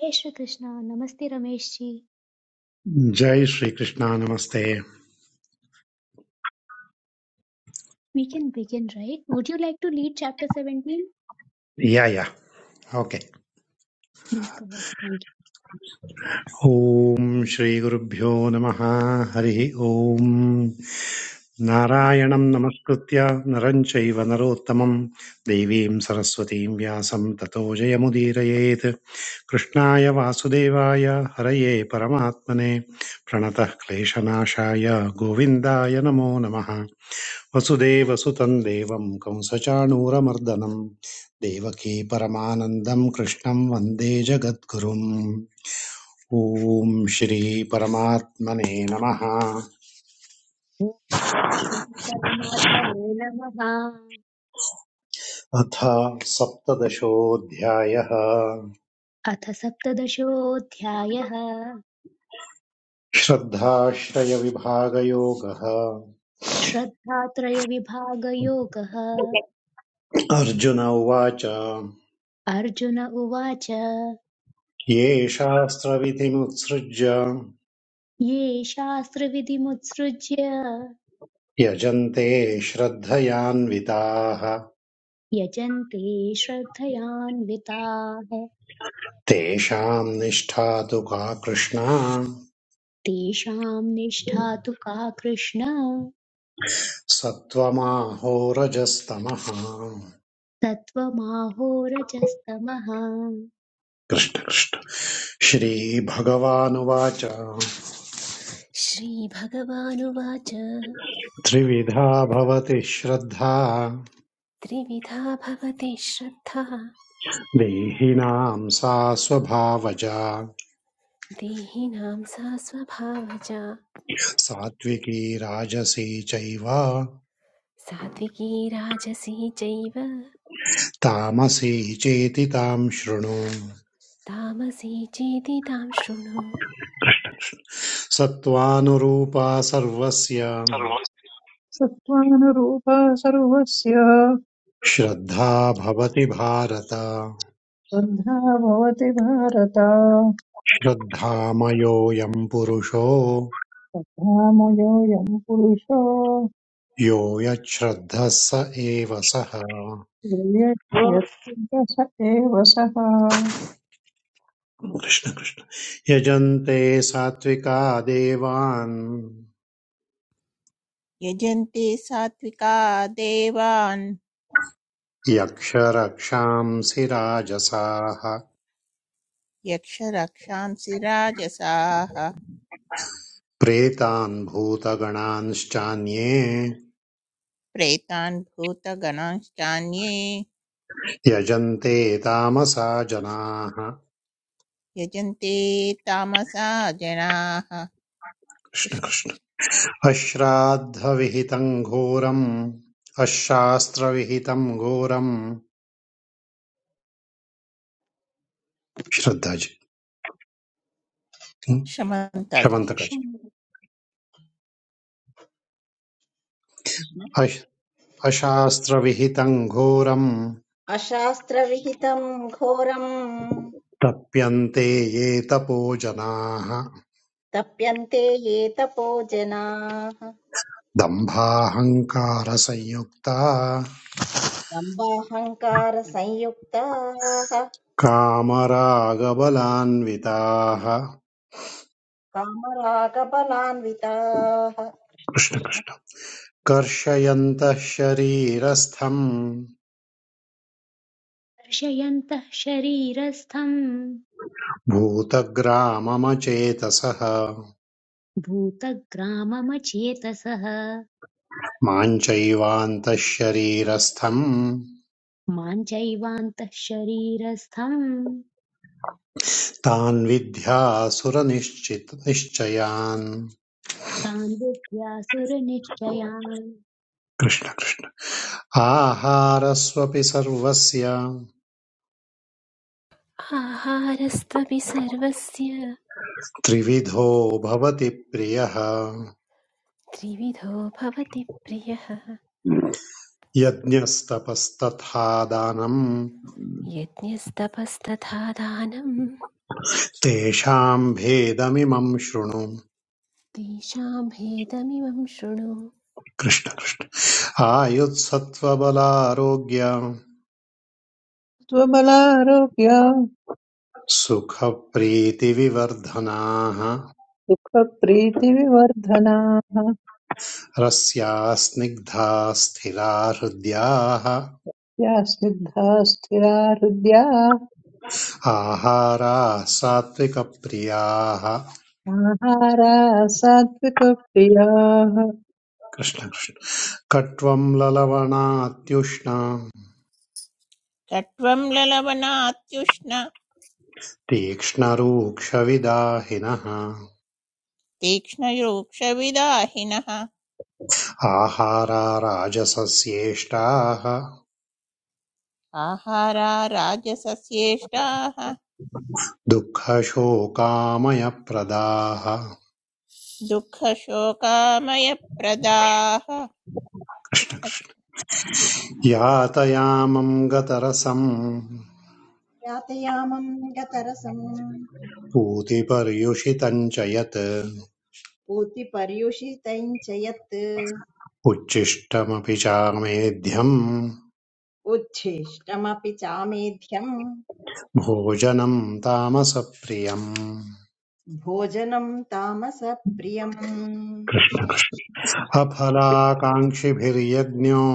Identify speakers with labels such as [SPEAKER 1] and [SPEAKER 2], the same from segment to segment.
[SPEAKER 1] Hey Shri Krishna, Namaste Ramesh ji.
[SPEAKER 2] जय श्री कृष्णा नमस्ते
[SPEAKER 1] We can begin, right? Would you like to lead chapter 17?
[SPEAKER 2] Yeah yeah okay
[SPEAKER 1] Please go ahead. Thank you.
[SPEAKER 2] ओम श्री गुरुभ्यो नमः हरि ओम नारायणं नमस्कृत्य नरं चैव नरोत्तमं देवीं सरस्वतीं व्यासं ततो जयमुदीरयेत् कृष्णाय वासुदेवाय हरये परमात्मने प्रणतः क्लेशनाशाय गोविन्दाय नमो नमः वसुदेव सुतं देवं कंसचाणूरमर्दनं देवकी परमानन्दं कृष्णं वन्दे जगद्गुरुम् ॐ श्रीपरमात्मने नमः
[SPEAKER 1] ॐ श्री परमात्मने नमः
[SPEAKER 2] अथ सप्तदशोऽध्यायः
[SPEAKER 1] अथ सप्तदशोऽध्यायः
[SPEAKER 2] श्रद्धाश्रयविभागयोगः
[SPEAKER 1] श्रद्धात्रयविभागयोगः
[SPEAKER 2] अर्जुन उवाच
[SPEAKER 1] अर्जुन उवाच
[SPEAKER 2] ये शास्त्रविधिमुत्सृज्य
[SPEAKER 1] ये शास्त्रविधिमुत्सृज्य
[SPEAKER 2] यजन्ते श्रद्धयान्विताः
[SPEAKER 1] यजन्ते श्रद्धयान्विताः
[SPEAKER 2] तेषाम् निष्ठा तु का कृष्णा
[SPEAKER 1] तेषां निष्ठा तु का कृष्ण
[SPEAKER 2] सत्त्वमाहोरजस्तमः
[SPEAKER 1] सत्त्वमाहोरजस्तमः
[SPEAKER 2] कृष्ण कृष्ण श्रीभगवानुवाच
[SPEAKER 3] श्रीभगवानुवाच
[SPEAKER 2] त्रिविधा भवति श्रद्धा
[SPEAKER 3] त्रिविधा भवति श्रद्धा
[SPEAKER 2] देहिनां सा स्वभावजा
[SPEAKER 3] देहिनां सा स्वभावजा
[SPEAKER 2] सात्विकी राजसी चैव
[SPEAKER 3] सात्विकी राजसी चैव
[SPEAKER 2] तामसी चेति तां शृणु
[SPEAKER 3] तामसी चेति तां शृणु
[SPEAKER 2] सत्त्वानुरूपा सर्वस्य
[SPEAKER 4] सत्त्वानुरूपा सर्वस्य
[SPEAKER 2] श्रद्धा भवति भारत
[SPEAKER 4] बद्धा भवति भारत
[SPEAKER 2] श्रद्धामयोऽयं पुरुषो
[SPEAKER 4] धामयोऽयं पुरुषो
[SPEAKER 2] यो यच्छ्रद्धः स एव सः
[SPEAKER 4] यत्र स एव सः
[SPEAKER 2] कृष्ण कृष्ण यजन्ते सात्विका देवान्
[SPEAKER 5] यजन्ति सात्विका देवान्
[SPEAKER 2] यक्षरक्षांसि राजसाः
[SPEAKER 5] यक्षरक्षांसि राजसाः
[SPEAKER 2] प्रेतान् भूतगणांश्चान्ये
[SPEAKER 5] प्रेतान् भूतगणांश्चान्ये
[SPEAKER 2] यजन्ते तामसा जनाः
[SPEAKER 5] यजन्ति तामसा जनाः
[SPEAKER 2] कृष्ण कृष्ण
[SPEAKER 5] कृष्णकृष्ण
[SPEAKER 2] अश्राद्धविहितम् घोरम् अशास्त्रविहितम् घोरम् श्रद्धाजी
[SPEAKER 5] शमन्ताजि
[SPEAKER 2] क्षमन्तकाजी अशास्त्रविहितं घोरं
[SPEAKER 6] अशास्त्रविहितं घोरं
[SPEAKER 2] तप्यन्ते ये तपो जनाः
[SPEAKER 6] तप्यन्ते ये तपो जनाः
[SPEAKER 2] दम्भाहङ्कारसंयुक्ता
[SPEAKER 6] दम्बाहङ्कारसंयुक्ताः
[SPEAKER 2] कामरागबलान्विताः
[SPEAKER 6] कामरागबलान्विताः कृष्ण कृष्ण
[SPEAKER 2] कृष्णकृष्ण कर्षयन्तः शरीरस्थम्
[SPEAKER 1] कर्षयन्तः शरीरस्थम्
[SPEAKER 2] भूतग्राममचेतसः
[SPEAKER 1] भूतग्राममचेतसः
[SPEAKER 2] मां चैवान्तः शरीरस्थम्
[SPEAKER 1] मां चैवान्तः शरीरस्थम्
[SPEAKER 2] तान् विद्यासुरनिश्चित निश्चयान्
[SPEAKER 1] तान् विद्यासुरनिश्चयान्
[SPEAKER 2] कृष्णकृष्ण आहारस्वपि सर्वस्य
[SPEAKER 3] आहारस्त्वपि सर्वस्य
[SPEAKER 2] त्रिविधो भवति प्रियः
[SPEAKER 3] त्रिविधो भवति प्रियः
[SPEAKER 2] यज्ञस्तपस्तथा दानम्
[SPEAKER 3] यज्ञस्तपस्तथा दानं
[SPEAKER 2] तेषाम् भेदमिमम् शृणु
[SPEAKER 3] तेषां भेदमिमं शृणु
[SPEAKER 2] कृष्ण कृष्ण आयुत्सत्त्वबलारोग्य
[SPEAKER 4] त्वबलारोग्य
[SPEAKER 2] सुखप्रीतिविवर्धनाः
[SPEAKER 4] सुखप्रीतिविवर्धनाः
[SPEAKER 2] रस्याः स्निग्धा स्थिरा हृद्याः
[SPEAKER 4] या सिद्धा स्थिरा हृद्या
[SPEAKER 2] आहाराः सात्विकप्रियाः
[SPEAKER 4] आहारा सात्विकप्रियाः
[SPEAKER 2] कृष्ण कृष्ण कट्वं ललवणात्युष्णा
[SPEAKER 5] कट्वं ललवणात्युष्ण
[SPEAKER 2] तीक्ष्णरूक्षविदाहिनः
[SPEAKER 5] तीक्ष्णयोक्षविदाहिनः
[SPEAKER 2] आहारा राजसस्येष्टाः
[SPEAKER 5] आहारा राजसस्येष्टाः
[SPEAKER 2] दुःखशोकामयप्रदाः
[SPEAKER 5] दुःखशोकामयप्रदाः
[SPEAKER 2] कृष्ण कृष्ण
[SPEAKER 5] कृष्णकृष्ण
[SPEAKER 2] यातयामं गतरसं
[SPEAKER 6] यातयामं गतरसं
[SPEAKER 2] पूतिपर्युषितम् च यत्
[SPEAKER 6] पूतिपर्युषितं च यत्
[SPEAKER 2] उच्छिष्टमपि चामेध्यम्
[SPEAKER 6] उच्छिष्टमपि चामेध्यं
[SPEAKER 2] भोजनं तामसप्रियम्
[SPEAKER 6] भोजनं तामसप्रियम् कृष्ण
[SPEAKER 2] अफलाकाङ्क्षिभिर्यज्ञो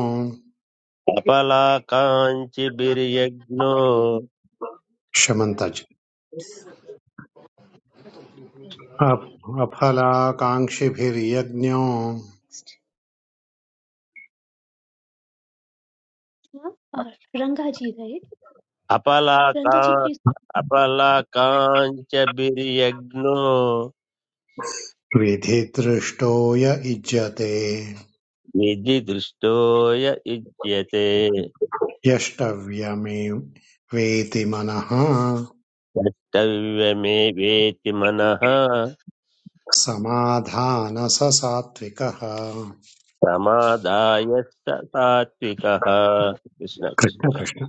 [SPEAKER 7] अपलाकाञ्चभिर्यज्ञो
[SPEAKER 2] शमन्ताजी अफ- अफलाकाङ्क्षिभिर्यज्ञो
[SPEAKER 1] Huh? Uh, Rangaji, right?
[SPEAKER 7] अपलाका
[SPEAKER 1] Rangaji, please.
[SPEAKER 7] अपलाकाञ्चभिर्यज्ञो
[SPEAKER 2] विधिदृष्टो य इज्यते
[SPEAKER 7] निधिदृष्टोय युज्यते
[SPEAKER 2] यष्टव्यमेव वेति मनः
[SPEAKER 7] द्रष्टव्यमे वेति मनः
[SPEAKER 2] समाधान स सात्विकः
[SPEAKER 7] प्रमादाय स तात्विकः कृष्ण
[SPEAKER 2] कृष्ण कृष्ण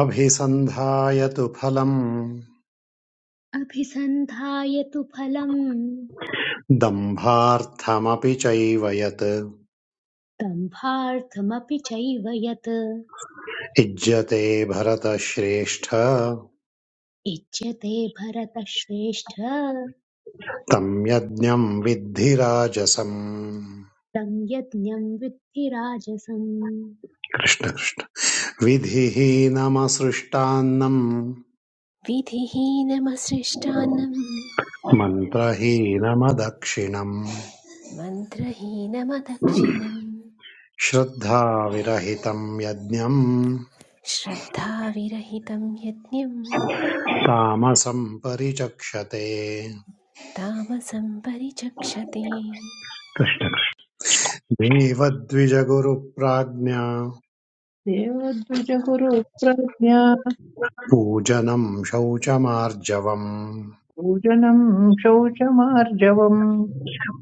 [SPEAKER 2] अभिसन्धाय तु फलम्
[SPEAKER 1] अभिसन्धाय तु फलम्
[SPEAKER 2] दम्भार्थमपि चैव यत्
[SPEAKER 1] दम्भार्थमपि चैव यत्
[SPEAKER 2] इज्यते भरतश्रेष्ठ
[SPEAKER 1] इच्छ्यते भरतश्रेष्ठ
[SPEAKER 2] तं यज्ञं विद्धि राजसम्
[SPEAKER 1] तं यज्ञं विद्धि राजसं
[SPEAKER 2] कृष्ण कृष्ण विधिहीनमसृष्टान्नम्
[SPEAKER 3] विधिहीनमसृष्टान्नं
[SPEAKER 2] मन्त्रहीनमदक्षिणम्
[SPEAKER 3] मन्त्रहीनमदक्षिणम्
[SPEAKER 2] श्रद्धाविरहितम् यज्ञम्
[SPEAKER 3] श्रद्धाविरहितं यज्ञं
[SPEAKER 2] तामसम् परिचक्षते
[SPEAKER 3] तामसं परिचक्षते
[SPEAKER 2] कृष्ण कृष्ण देवद्विजगुरुप्राज्ञा
[SPEAKER 4] देवद्विजगुरुप्रज्ञा
[SPEAKER 2] पूजनम् शौचमार्जवं
[SPEAKER 4] पूजनं शौचमार्जवम्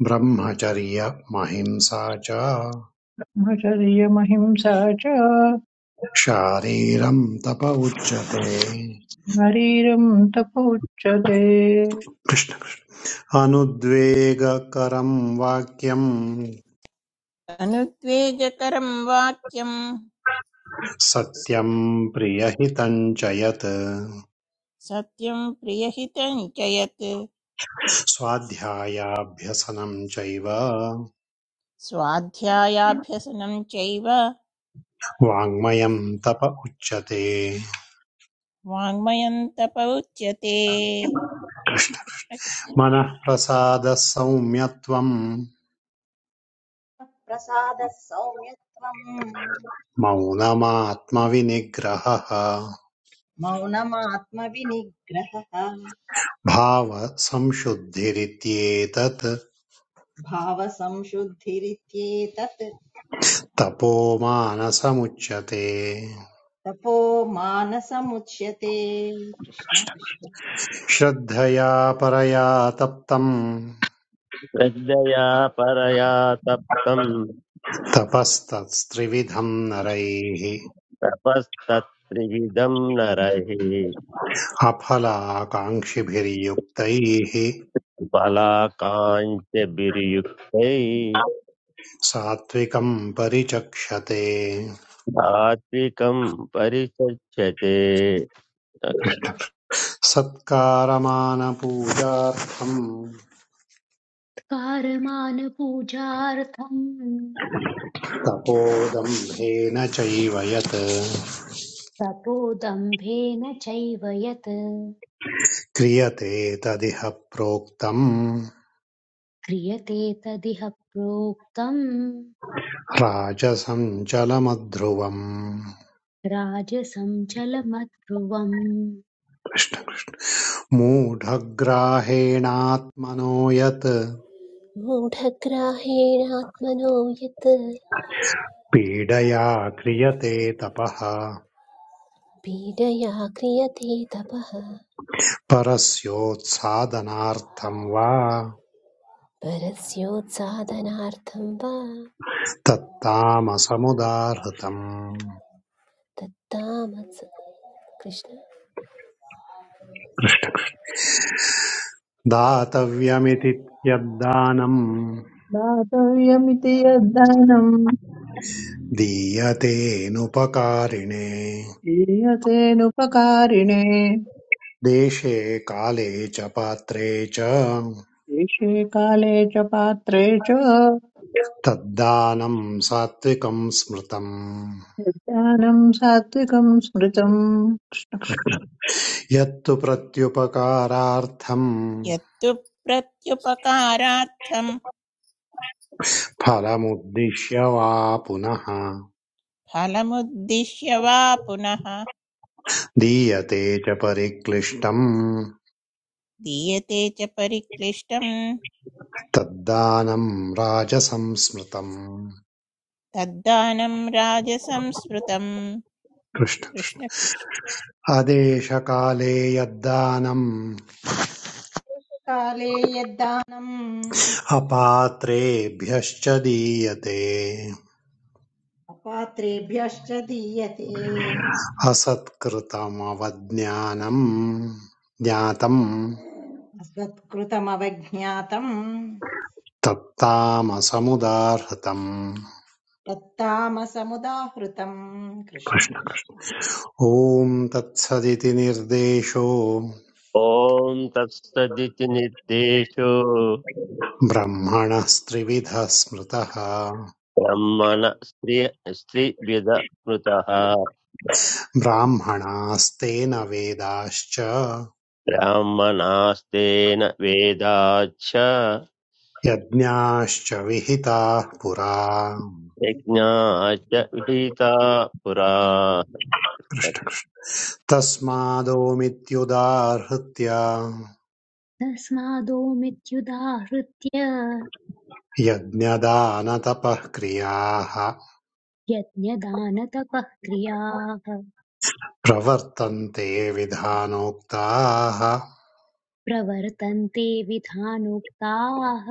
[SPEAKER 2] ब्रह्मचर्यमहिंसा च
[SPEAKER 4] भजयमहिंसा च
[SPEAKER 2] शारीरम् तप उच्यते
[SPEAKER 4] शरीरं तपोच्यते
[SPEAKER 2] कृष्ण अनुद्वेगकरम्
[SPEAKER 5] अनुद्वेगकरं वाक्यम्
[SPEAKER 2] सत्यं प्रियहितं च यत्
[SPEAKER 5] सत्यं प्रियहितं च यत्
[SPEAKER 2] स्वाध्यायाभ्यसनं चैव
[SPEAKER 5] स्वाध्यायाभ्यसनं चैव
[SPEAKER 2] वाङ्मयं तप उच्यते
[SPEAKER 5] वाङ्मयं तप उच्यते
[SPEAKER 2] मनः प्रसादः सौम्यत्वं
[SPEAKER 6] प्रसादः सौम्यत्वम्
[SPEAKER 2] मौनमात्मविनिग्रहः
[SPEAKER 6] मौनमात्मविनिग्रहः
[SPEAKER 2] भावसंशुद्धिरित्येतत्
[SPEAKER 6] भावसंशुद्धिरित्येतत्
[SPEAKER 2] तपो मानसमुच्यते
[SPEAKER 6] तपो मानसमुच्यते कृष्ण कृष्ण
[SPEAKER 2] श्रद्धया परया तप्तम्
[SPEAKER 7] श्रद्धया परया तप्तं
[SPEAKER 2] तपस्तत्स्त्रिविधम् नरैः
[SPEAKER 7] तपस्तत्त्रिविधं नरः
[SPEAKER 2] अफलाकाङ्क्षिभिर्युक्तैः
[SPEAKER 7] फलाकाञ्च
[SPEAKER 2] सात्त्विकम् परिचक्षते
[SPEAKER 7] सात्विकम् परिषज्यते
[SPEAKER 2] सत्कारमानपूजार्थम्
[SPEAKER 1] कारमानपूजार्थं
[SPEAKER 2] तपोदम्भेन चैव यत्
[SPEAKER 1] तपोदम्भेन चैव यत्
[SPEAKER 2] क्रियते तदिह प्रोक्तम्
[SPEAKER 1] क्रियते तदिह प्रोक्तम्
[SPEAKER 2] राजसञ्चलमध्रुवम्
[SPEAKER 1] राजसं चलमध्रुवम्
[SPEAKER 2] मूढग्राहेणात्मनो यत्
[SPEAKER 3] मूढग्राहेणात्मनो यत्
[SPEAKER 2] पीडया क्रियते तपः
[SPEAKER 3] पीडया क्रियते तपः
[SPEAKER 2] परस्योत्सादनार्थं वा
[SPEAKER 3] परस्योत्साधनार्थं वा
[SPEAKER 2] तत्तामसमुदाहृतम्
[SPEAKER 3] तत्तामस कृष्ण
[SPEAKER 2] दातव्यमिति यद्दानम्
[SPEAKER 4] दातव्यमिति यद्दानं
[SPEAKER 2] दीयतेऽनुपकारिणे
[SPEAKER 4] दीयतेनुपकारिणे
[SPEAKER 2] देशे काले च पात्रे च
[SPEAKER 4] देशे काले च पात्रे च
[SPEAKER 2] तद्दानम् सात्विकम् स्मृतम्
[SPEAKER 4] यद्दानं सात्विकं स्मृतम्
[SPEAKER 2] यत्तु प्रत्युपकारार्थम्
[SPEAKER 5] यत्तु प्रत्युपकारार्थं
[SPEAKER 2] फलमुद्दिश्य वा पुनः
[SPEAKER 5] फलमुद्दिश्य वा पुनः
[SPEAKER 2] दीयते च परिक्लिष्टम्
[SPEAKER 5] दीयते च परिक्लिष्टं
[SPEAKER 2] तद्दानम् राजसंस्मृतम्
[SPEAKER 5] तद्दानं राजसंस्मृतं
[SPEAKER 2] कृष्ण
[SPEAKER 5] कृष्ण कृष्ण
[SPEAKER 2] आदेशकाले यद्दानम्
[SPEAKER 6] काले यद्दानम्
[SPEAKER 2] अपात्रेभ्यश्च दीयते
[SPEAKER 6] अपात्रेभ्यश्च दीयते
[SPEAKER 2] असत्कृतमवज्ञानम् ज्ञातम्
[SPEAKER 6] अस्मत्कृतमवज्ञातम्
[SPEAKER 2] तत्तामसमुदाहृतम्
[SPEAKER 6] तत्तामसमुदाहृतम् कृष्ण
[SPEAKER 2] कृष्ण कृष्ण
[SPEAKER 6] कृष्ण
[SPEAKER 2] ॐ तत्सदिति निर्देशो
[SPEAKER 7] ॐ तत्सदिति निर्देशो
[SPEAKER 2] ब्रह्मणः त्रिविधः स्मृतः
[SPEAKER 7] ब्रह्मण स्त्रिय स्त्रिविद स्मृतः
[SPEAKER 2] ब्राह्मणास्तेन वेदाश्च
[SPEAKER 7] ब्राह्मणास्तेन वेदाच्च
[SPEAKER 2] यज्ञाश्च विहिताः पुरा
[SPEAKER 7] यज्ञाच्च विहिता पुरा
[SPEAKER 2] कृष्ण कृष्ण। तस्मादोमित्युदाहृत्य
[SPEAKER 1] तस्मादोमित्युदाहृत्य
[SPEAKER 2] यज्ञदानतपःक्रियाः
[SPEAKER 1] यज्ञदानतपः क्रियाः
[SPEAKER 2] प्रवर्तन्ते विधानोक्ताः
[SPEAKER 1] प्रवर्तन्ते विधानोक्ताः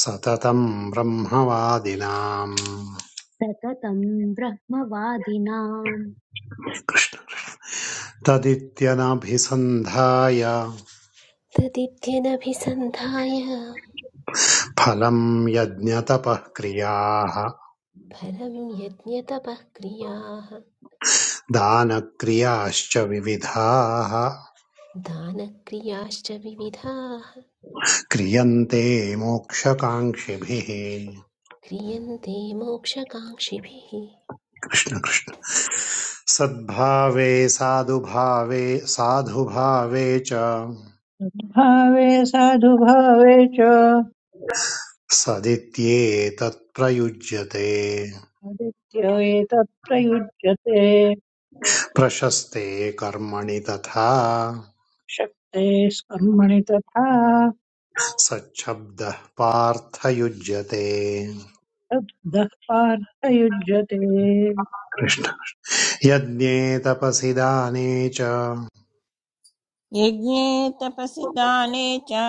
[SPEAKER 2] सततम् ब्रह्मवादिनाम्
[SPEAKER 1] सततं ब्रह्मवादिनाम्
[SPEAKER 2] तदित्यनभिसन्धाय
[SPEAKER 3] तदित्यनभिसन्धाय
[SPEAKER 2] फलम् यज्ञतपःक्रियाः
[SPEAKER 3] फलं यज्ञतपः क्रियाः
[SPEAKER 2] दानक्रियाश्च विविधाः
[SPEAKER 3] दानक्रियाश्च विविधाः
[SPEAKER 2] क्रियन्ते मोक्षकाङ्क्षिभिः
[SPEAKER 3] क्रियन्ते मोक्षकाङ्क्षिभिः
[SPEAKER 2] कृष्ण कृष्ण सद्भावे साधुभावे साधुभावे च
[SPEAKER 4] भावे साधुभावे च
[SPEAKER 2] सदित्येतत् प्रयुज्यते
[SPEAKER 4] आदित्य एतत् प्रयुज्यते
[SPEAKER 2] प्रशस्ते कर्मणि तथा
[SPEAKER 4] शक्ते स्कर्मणि तथा
[SPEAKER 2] सच्छब्दः पार्थ युज्यते
[SPEAKER 4] तद्वदः पार्थयुज्यते
[SPEAKER 2] कृष्ण यज्ञे तपसि दाने च
[SPEAKER 5] यज्ञे तपसि दाने च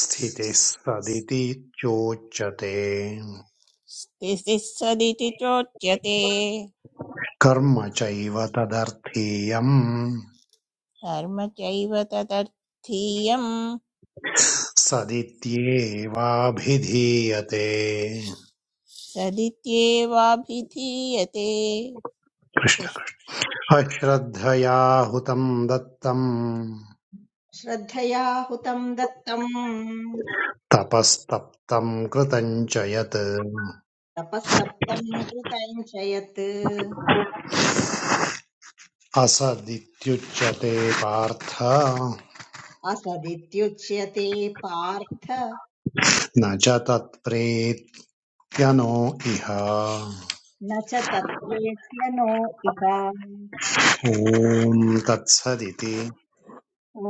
[SPEAKER 2] स्थितिः सदिति चोच्यते
[SPEAKER 5] स्थितिः सदिति चोच्यते
[SPEAKER 2] कर्म चैव तदर्थीयम्
[SPEAKER 5] कर्म चैव तदर्थीयम्
[SPEAKER 2] सदित्येवाभिधीयते
[SPEAKER 5] तदित्येवाभिधीयते
[SPEAKER 2] कृष्ण
[SPEAKER 5] कृष्ण
[SPEAKER 2] अश्रद्धया हुतं दत्तं
[SPEAKER 6] श्रद्धया हुतम् दत्तम्
[SPEAKER 2] तपस्तप्तं कृतं च यत्
[SPEAKER 6] तपस्तप्तम् कृतम् च यत्
[SPEAKER 2] असदित्युच्यते पार्थ
[SPEAKER 6] असदित्युच्यते पार्थ
[SPEAKER 2] न च तत्प्रेत्यनो इह
[SPEAKER 6] न च तत्रेत्यनो इह
[SPEAKER 2] ॐ तत्सदिति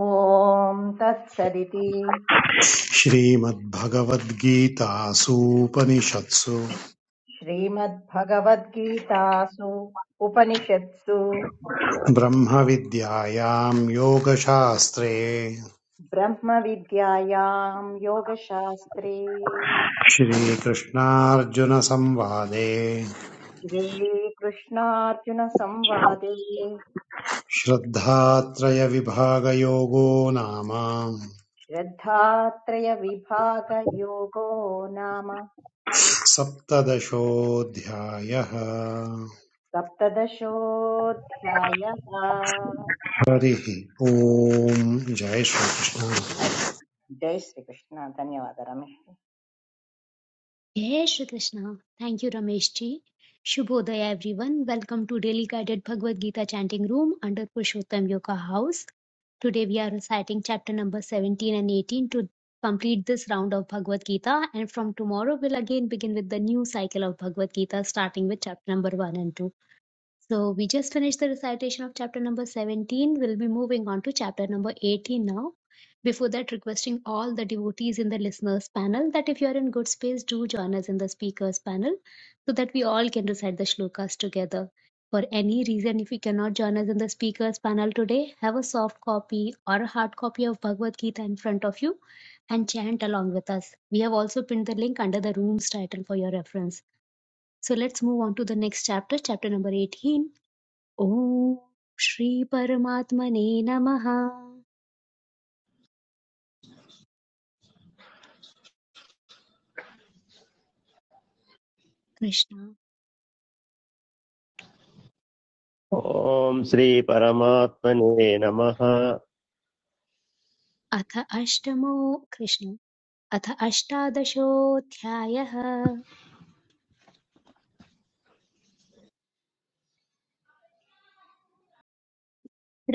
[SPEAKER 6] ॐ तत्सदिति
[SPEAKER 2] श्रीमद्भगवद्गीतासूपनिषत्सु
[SPEAKER 6] श्रीमद्भगवद्गीतासु उपनिषत्सु
[SPEAKER 2] ब्रह्मविद्यायां योगशास्त्रे
[SPEAKER 6] ब्रह्मविद्यायाम् योगशास्त्रे
[SPEAKER 2] श्रीकृष्णार्जुनसंवादे
[SPEAKER 6] श्रीकृष्णार्जुनसंवादे
[SPEAKER 2] श्रद्धात्रयविभागयोगो नाम
[SPEAKER 6] श्रद्धात्रयविभागयोगो नाम
[SPEAKER 2] सप्तदशोऽध्यायः
[SPEAKER 6] सप्तदशोऽध्यायः
[SPEAKER 2] हरिः ओम् जय श्रीकृष्ण
[SPEAKER 6] हरि- जय श्रीकृष्ण धन्यवादः Ramesh
[SPEAKER 1] Jai Shri Krishna. Thank you, Ramesh ji. Shubhodaya, everyone. Welcome to Daily Guided Bhagavad Gita Chanting Room under Purushottam Yoga House. Today we are reciting chapter number 17 and 18 to complete this round of Bhagavad Gita. And from tomorrow, we'll again begin with the new cycle of Bhagavad Gita, starting with chapter number 1 and 2. So we just finished the recitation of chapter number 17. We'll be moving on to chapter number 18 now. Before that, requesting all the devotees in the listeners panel that if you are in good space, do join us in the speakers panel so that we all can recite the shlokas together. For any reason, if you cannot join us in the speakers panel today, have a soft copy or a hard copy of Bhagavad Gita in front of you and chant along with us. We have also pinned the link under the room's title for your reference. So let's move on to the next chapter, chapter number 18 ॐ श्रीपरमात्मने नमः कृष्ण
[SPEAKER 7] ॐ श्रीपरमात्मने नमः
[SPEAKER 1] अथ अष्टमो कृष्ण अथ अष्टादशोऽध्यायः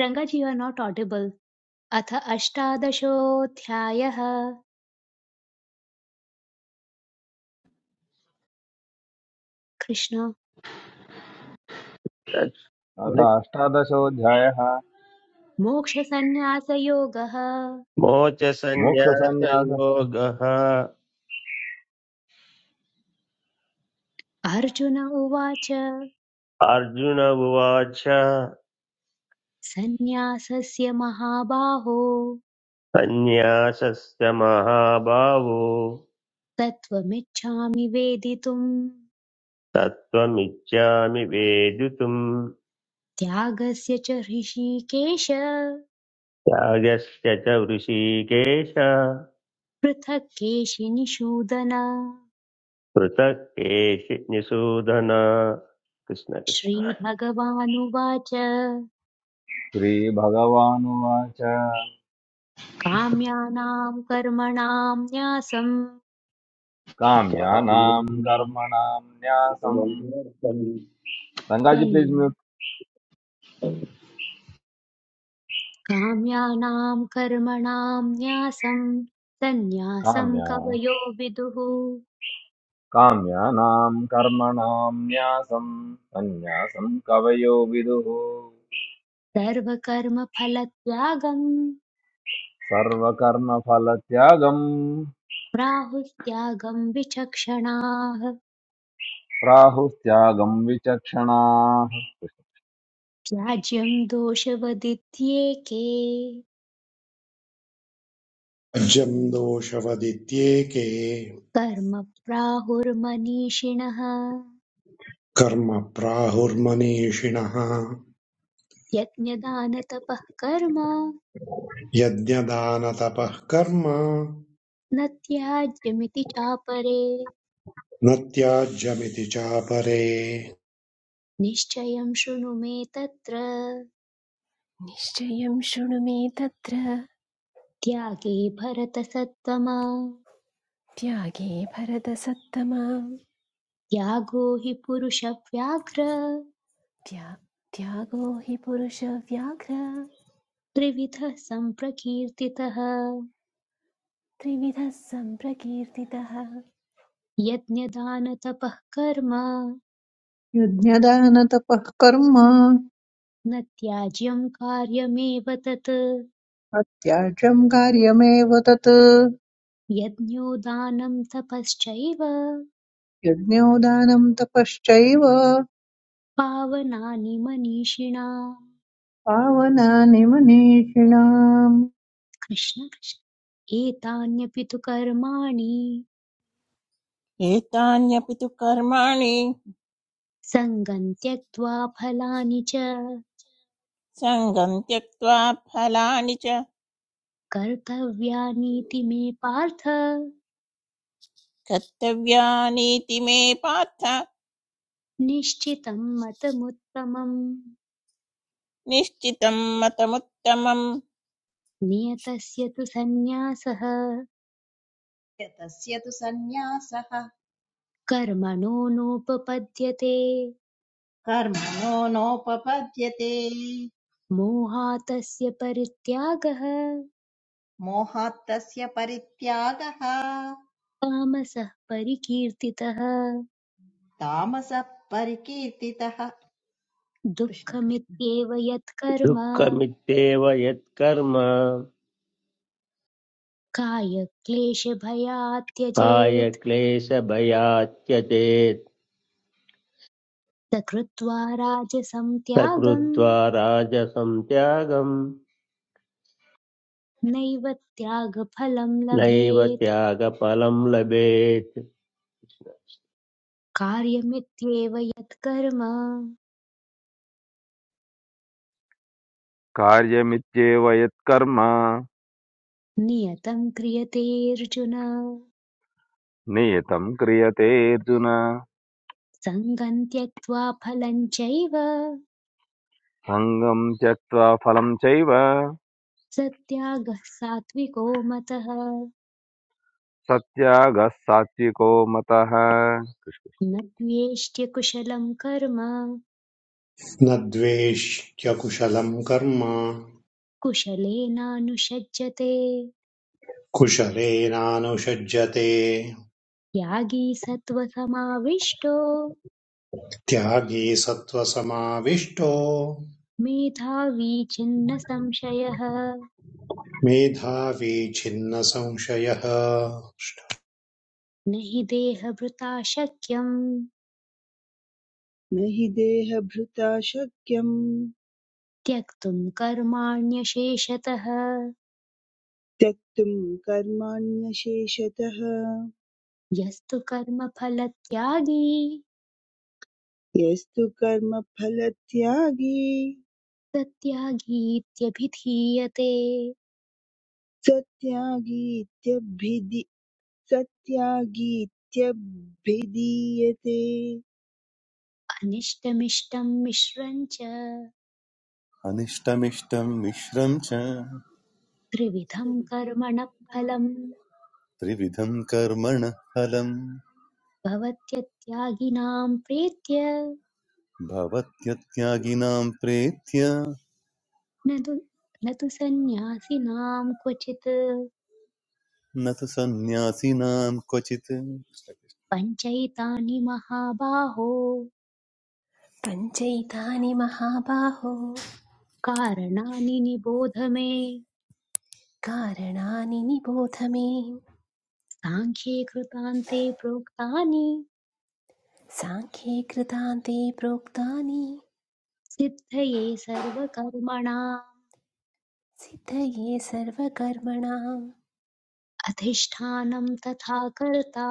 [SPEAKER 1] Rangaji you are not audible अथ अष्टादशोऽध्यायः कृष्ण
[SPEAKER 8] अथ अष्टादशोऽध्यायः
[SPEAKER 1] मोक्षसन्न्यासयोगः
[SPEAKER 8] मोक्षसंन्यास
[SPEAKER 7] मोचसन्न्यासयोगः
[SPEAKER 1] अर्जुन उवाच
[SPEAKER 7] अर्जुन उवाच
[SPEAKER 1] सन्न्यासस्य महाबाहो
[SPEAKER 7] सन्न्यासस्य महाभावो
[SPEAKER 1] तत्त्वमिच्छामि वेदितुम्
[SPEAKER 7] तत्त्वमिच्छामि वेदितुम्
[SPEAKER 1] त्यागस्य च ऋषिकेश
[SPEAKER 7] त्यागस्य च वृषीकेश
[SPEAKER 1] पृथक्केशिनिषूदन
[SPEAKER 7] पृथक् केशिनिषूदन कृष्णकृष्ण
[SPEAKER 1] श्रीभगवानुवाच
[SPEAKER 8] श्रीभगवानुवाच
[SPEAKER 1] काम्यानां कर्मणां न्यासं
[SPEAKER 8] काम्यानां कर्मणां न्यासम् रङ्गाजी प्लीज्
[SPEAKER 1] सन्न्या-
[SPEAKER 8] म्यूट्
[SPEAKER 1] काम्यानां कर्मणां न्यासं सन्न्यासं
[SPEAKER 8] काम्या
[SPEAKER 1] कवयो विदुः
[SPEAKER 8] काम्यानां कर्मणां न्यासम् सन्न्यासम् कवयो विदुः
[SPEAKER 1] सर्वकर्मफलत्यागं
[SPEAKER 8] सर्वकर्मफलत्यागम्
[SPEAKER 1] प्राहुस्त्यागं विचक्षणाः
[SPEAKER 8] प्राहुस्त्यागम् विचक्षणाः
[SPEAKER 1] त्याज्यं दोषवदित्येके
[SPEAKER 2] अजम् दोषवदित्येके
[SPEAKER 1] कर्म प्राहुर्मनीषिणः
[SPEAKER 2] कर्म प्राहुर्मनीषिणः
[SPEAKER 1] यज्ञदानतपः कर्म
[SPEAKER 2] यज्ञदानतपः कर्म
[SPEAKER 1] न त्याज्यमिति चापरे
[SPEAKER 2] न त्याज्यमिति चापरे
[SPEAKER 1] निश्चयं शृणु मे तत्र
[SPEAKER 3] निश्चयं शृणु मे तत्र
[SPEAKER 1] त्यागे भरतसत्त्वमा
[SPEAKER 3] त्यागे भरतसत्तमा
[SPEAKER 1] त्यागो हि पुरुषव्याघ्र
[SPEAKER 3] त्या त्यागो हि पुरुषव्याघ्र
[SPEAKER 1] त्रिविधः सम्प्रकीर्तितः
[SPEAKER 3] त्रिविधः सम्प्रकीर्तितः
[SPEAKER 1] यज्ञदानतपः कर्म
[SPEAKER 4] यज्ञदानतपः कर्म
[SPEAKER 1] न त्याज्यं कार्यमेव तत्
[SPEAKER 4] अत्याज्यं कार्यमेव तत्
[SPEAKER 1] यज्ञो दानं तपश्चैव
[SPEAKER 4] यज्ञो दानं तपश्चैव
[SPEAKER 1] पावनानि मनीषिणा
[SPEAKER 4] पावनानि मनीषिणाम्
[SPEAKER 1] कृष्ण कृष्ण एतान्यपि तु कर्माणि
[SPEAKER 5] एतान्यपि तु कर्माणि
[SPEAKER 1] सङ्गम् त्यक्त्वा फलानि च
[SPEAKER 5] सङ्गं त्यक्त्वा फलानि च
[SPEAKER 1] कर्तव्यानीति मे पार्थ
[SPEAKER 5] कर्तव्यानीति मे पार्थ
[SPEAKER 1] निश्चितं मतमुत्तमम्
[SPEAKER 5] निश्चितं मतमुत्तमम्
[SPEAKER 1] नियतस्य तु सन्न्यासः
[SPEAKER 6] तस्य तु सन्न्यासः
[SPEAKER 1] कर्मणो नोपपद्यते
[SPEAKER 6] कर्मणो नोपपद्यते
[SPEAKER 1] मोहातस्य परित्यागः
[SPEAKER 6] मोहात् तस्य परित्यागः
[SPEAKER 1] तामसः परिकीर्तितः
[SPEAKER 6] तामसः परिकीर्तितः कृष्ण कृष्ण
[SPEAKER 1] दुःखमित्येव यत्कर्म
[SPEAKER 7] दुःखमित्येव यत्कर्म
[SPEAKER 1] कायक्लेशभयात्
[SPEAKER 7] काय
[SPEAKER 1] त्यजेत्
[SPEAKER 7] क्लेशभयात्यचेत्
[SPEAKER 1] स कृत्वा राजसं
[SPEAKER 7] स
[SPEAKER 1] त्यागं
[SPEAKER 7] कृत्वा राजसं त्यागं
[SPEAKER 1] नैव त्यागफलं
[SPEAKER 7] नैव
[SPEAKER 1] लभेत्
[SPEAKER 7] त्यागफलं लभेत्
[SPEAKER 1] कार्यमित्येव यत्कर्म
[SPEAKER 8] कार्यमित्येव यत्कर्म
[SPEAKER 1] नियतं क्रियतेऽर्जुन
[SPEAKER 8] नियतं क्रियते अर्जुन
[SPEAKER 1] सङ्गं त्यक्त्वा फलं चैव
[SPEAKER 8] सङ्गं त्यक्त्वा फलं चैव
[SPEAKER 1] सत्यागः सात्विको मतः
[SPEAKER 8] सत्यागः सात्विको मतः
[SPEAKER 1] न त्वेष्ट्य कुशलं कर्म
[SPEAKER 2] न द्वेष्यकुशलम् कर्म
[SPEAKER 1] कुशलेनानुषज्यते
[SPEAKER 2] कुशलेनानुषज्यते
[SPEAKER 1] त्यागी सत्त्वसमाविष्टो
[SPEAKER 2] त्यागी सत्त्वसमाविष्टो
[SPEAKER 1] मेधावी छिन्न संशयः
[SPEAKER 2] मेधावी छिन्नसंशयः
[SPEAKER 1] न हि देहभृता शक्यं
[SPEAKER 9] न हि देहभृता शक्यं
[SPEAKER 1] त्यक्तुं कर्माण्यशेषतः
[SPEAKER 9] त्यक्तुं कर्माण्यशेषतः
[SPEAKER 1] यस्तु कर्मफलत्यागी
[SPEAKER 9] यस्तु कर्मफलत्यागी
[SPEAKER 1] स त्यागीत्यभिधीयते
[SPEAKER 9] सत्यागीत्यभिधि सत्यागीत्यभिधीयते
[SPEAKER 1] अनिष्टमिष्टं मिश्रं च
[SPEAKER 10] अनिष्टमिष्टं मिश्रं च
[SPEAKER 1] त्रिविधं कर्मणः फलम्
[SPEAKER 10] त्रिविधं कर्मणः फलम्
[SPEAKER 1] भवत्यत्यागिनां प्रीत्य
[SPEAKER 10] भवत्यत्यागिनां प्रेत्य
[SPEAKER 1] न तु न तु सन्न्यासिनां क्वचित्
[SPEAKER 10] न तु सन्न्यासिनां क्वचित्
[SPEAKER 1] पञ्चैतानि महाबाहो
[SPEAKER 3] पञ्चैतानि महाबाहो
[SPEAKER 1] कारणानि निबोध मे
[SPEAKER 3] कारणानि निबोध मे
[SPEAKER 1] साङ्ख्ये कृतान्ते प्रोक्तानि
[SPEAKER 3] साङ्ख्ये कृतान्ते प्रोक्तानि
[SPEAKER 1] सिद्धये सर्वकर्मणाम्
[SPEAKER 3] सिद्धये सर्वकर्मणाम्
[SPEAKER 1] अधिष्ठानं तथा कर्ता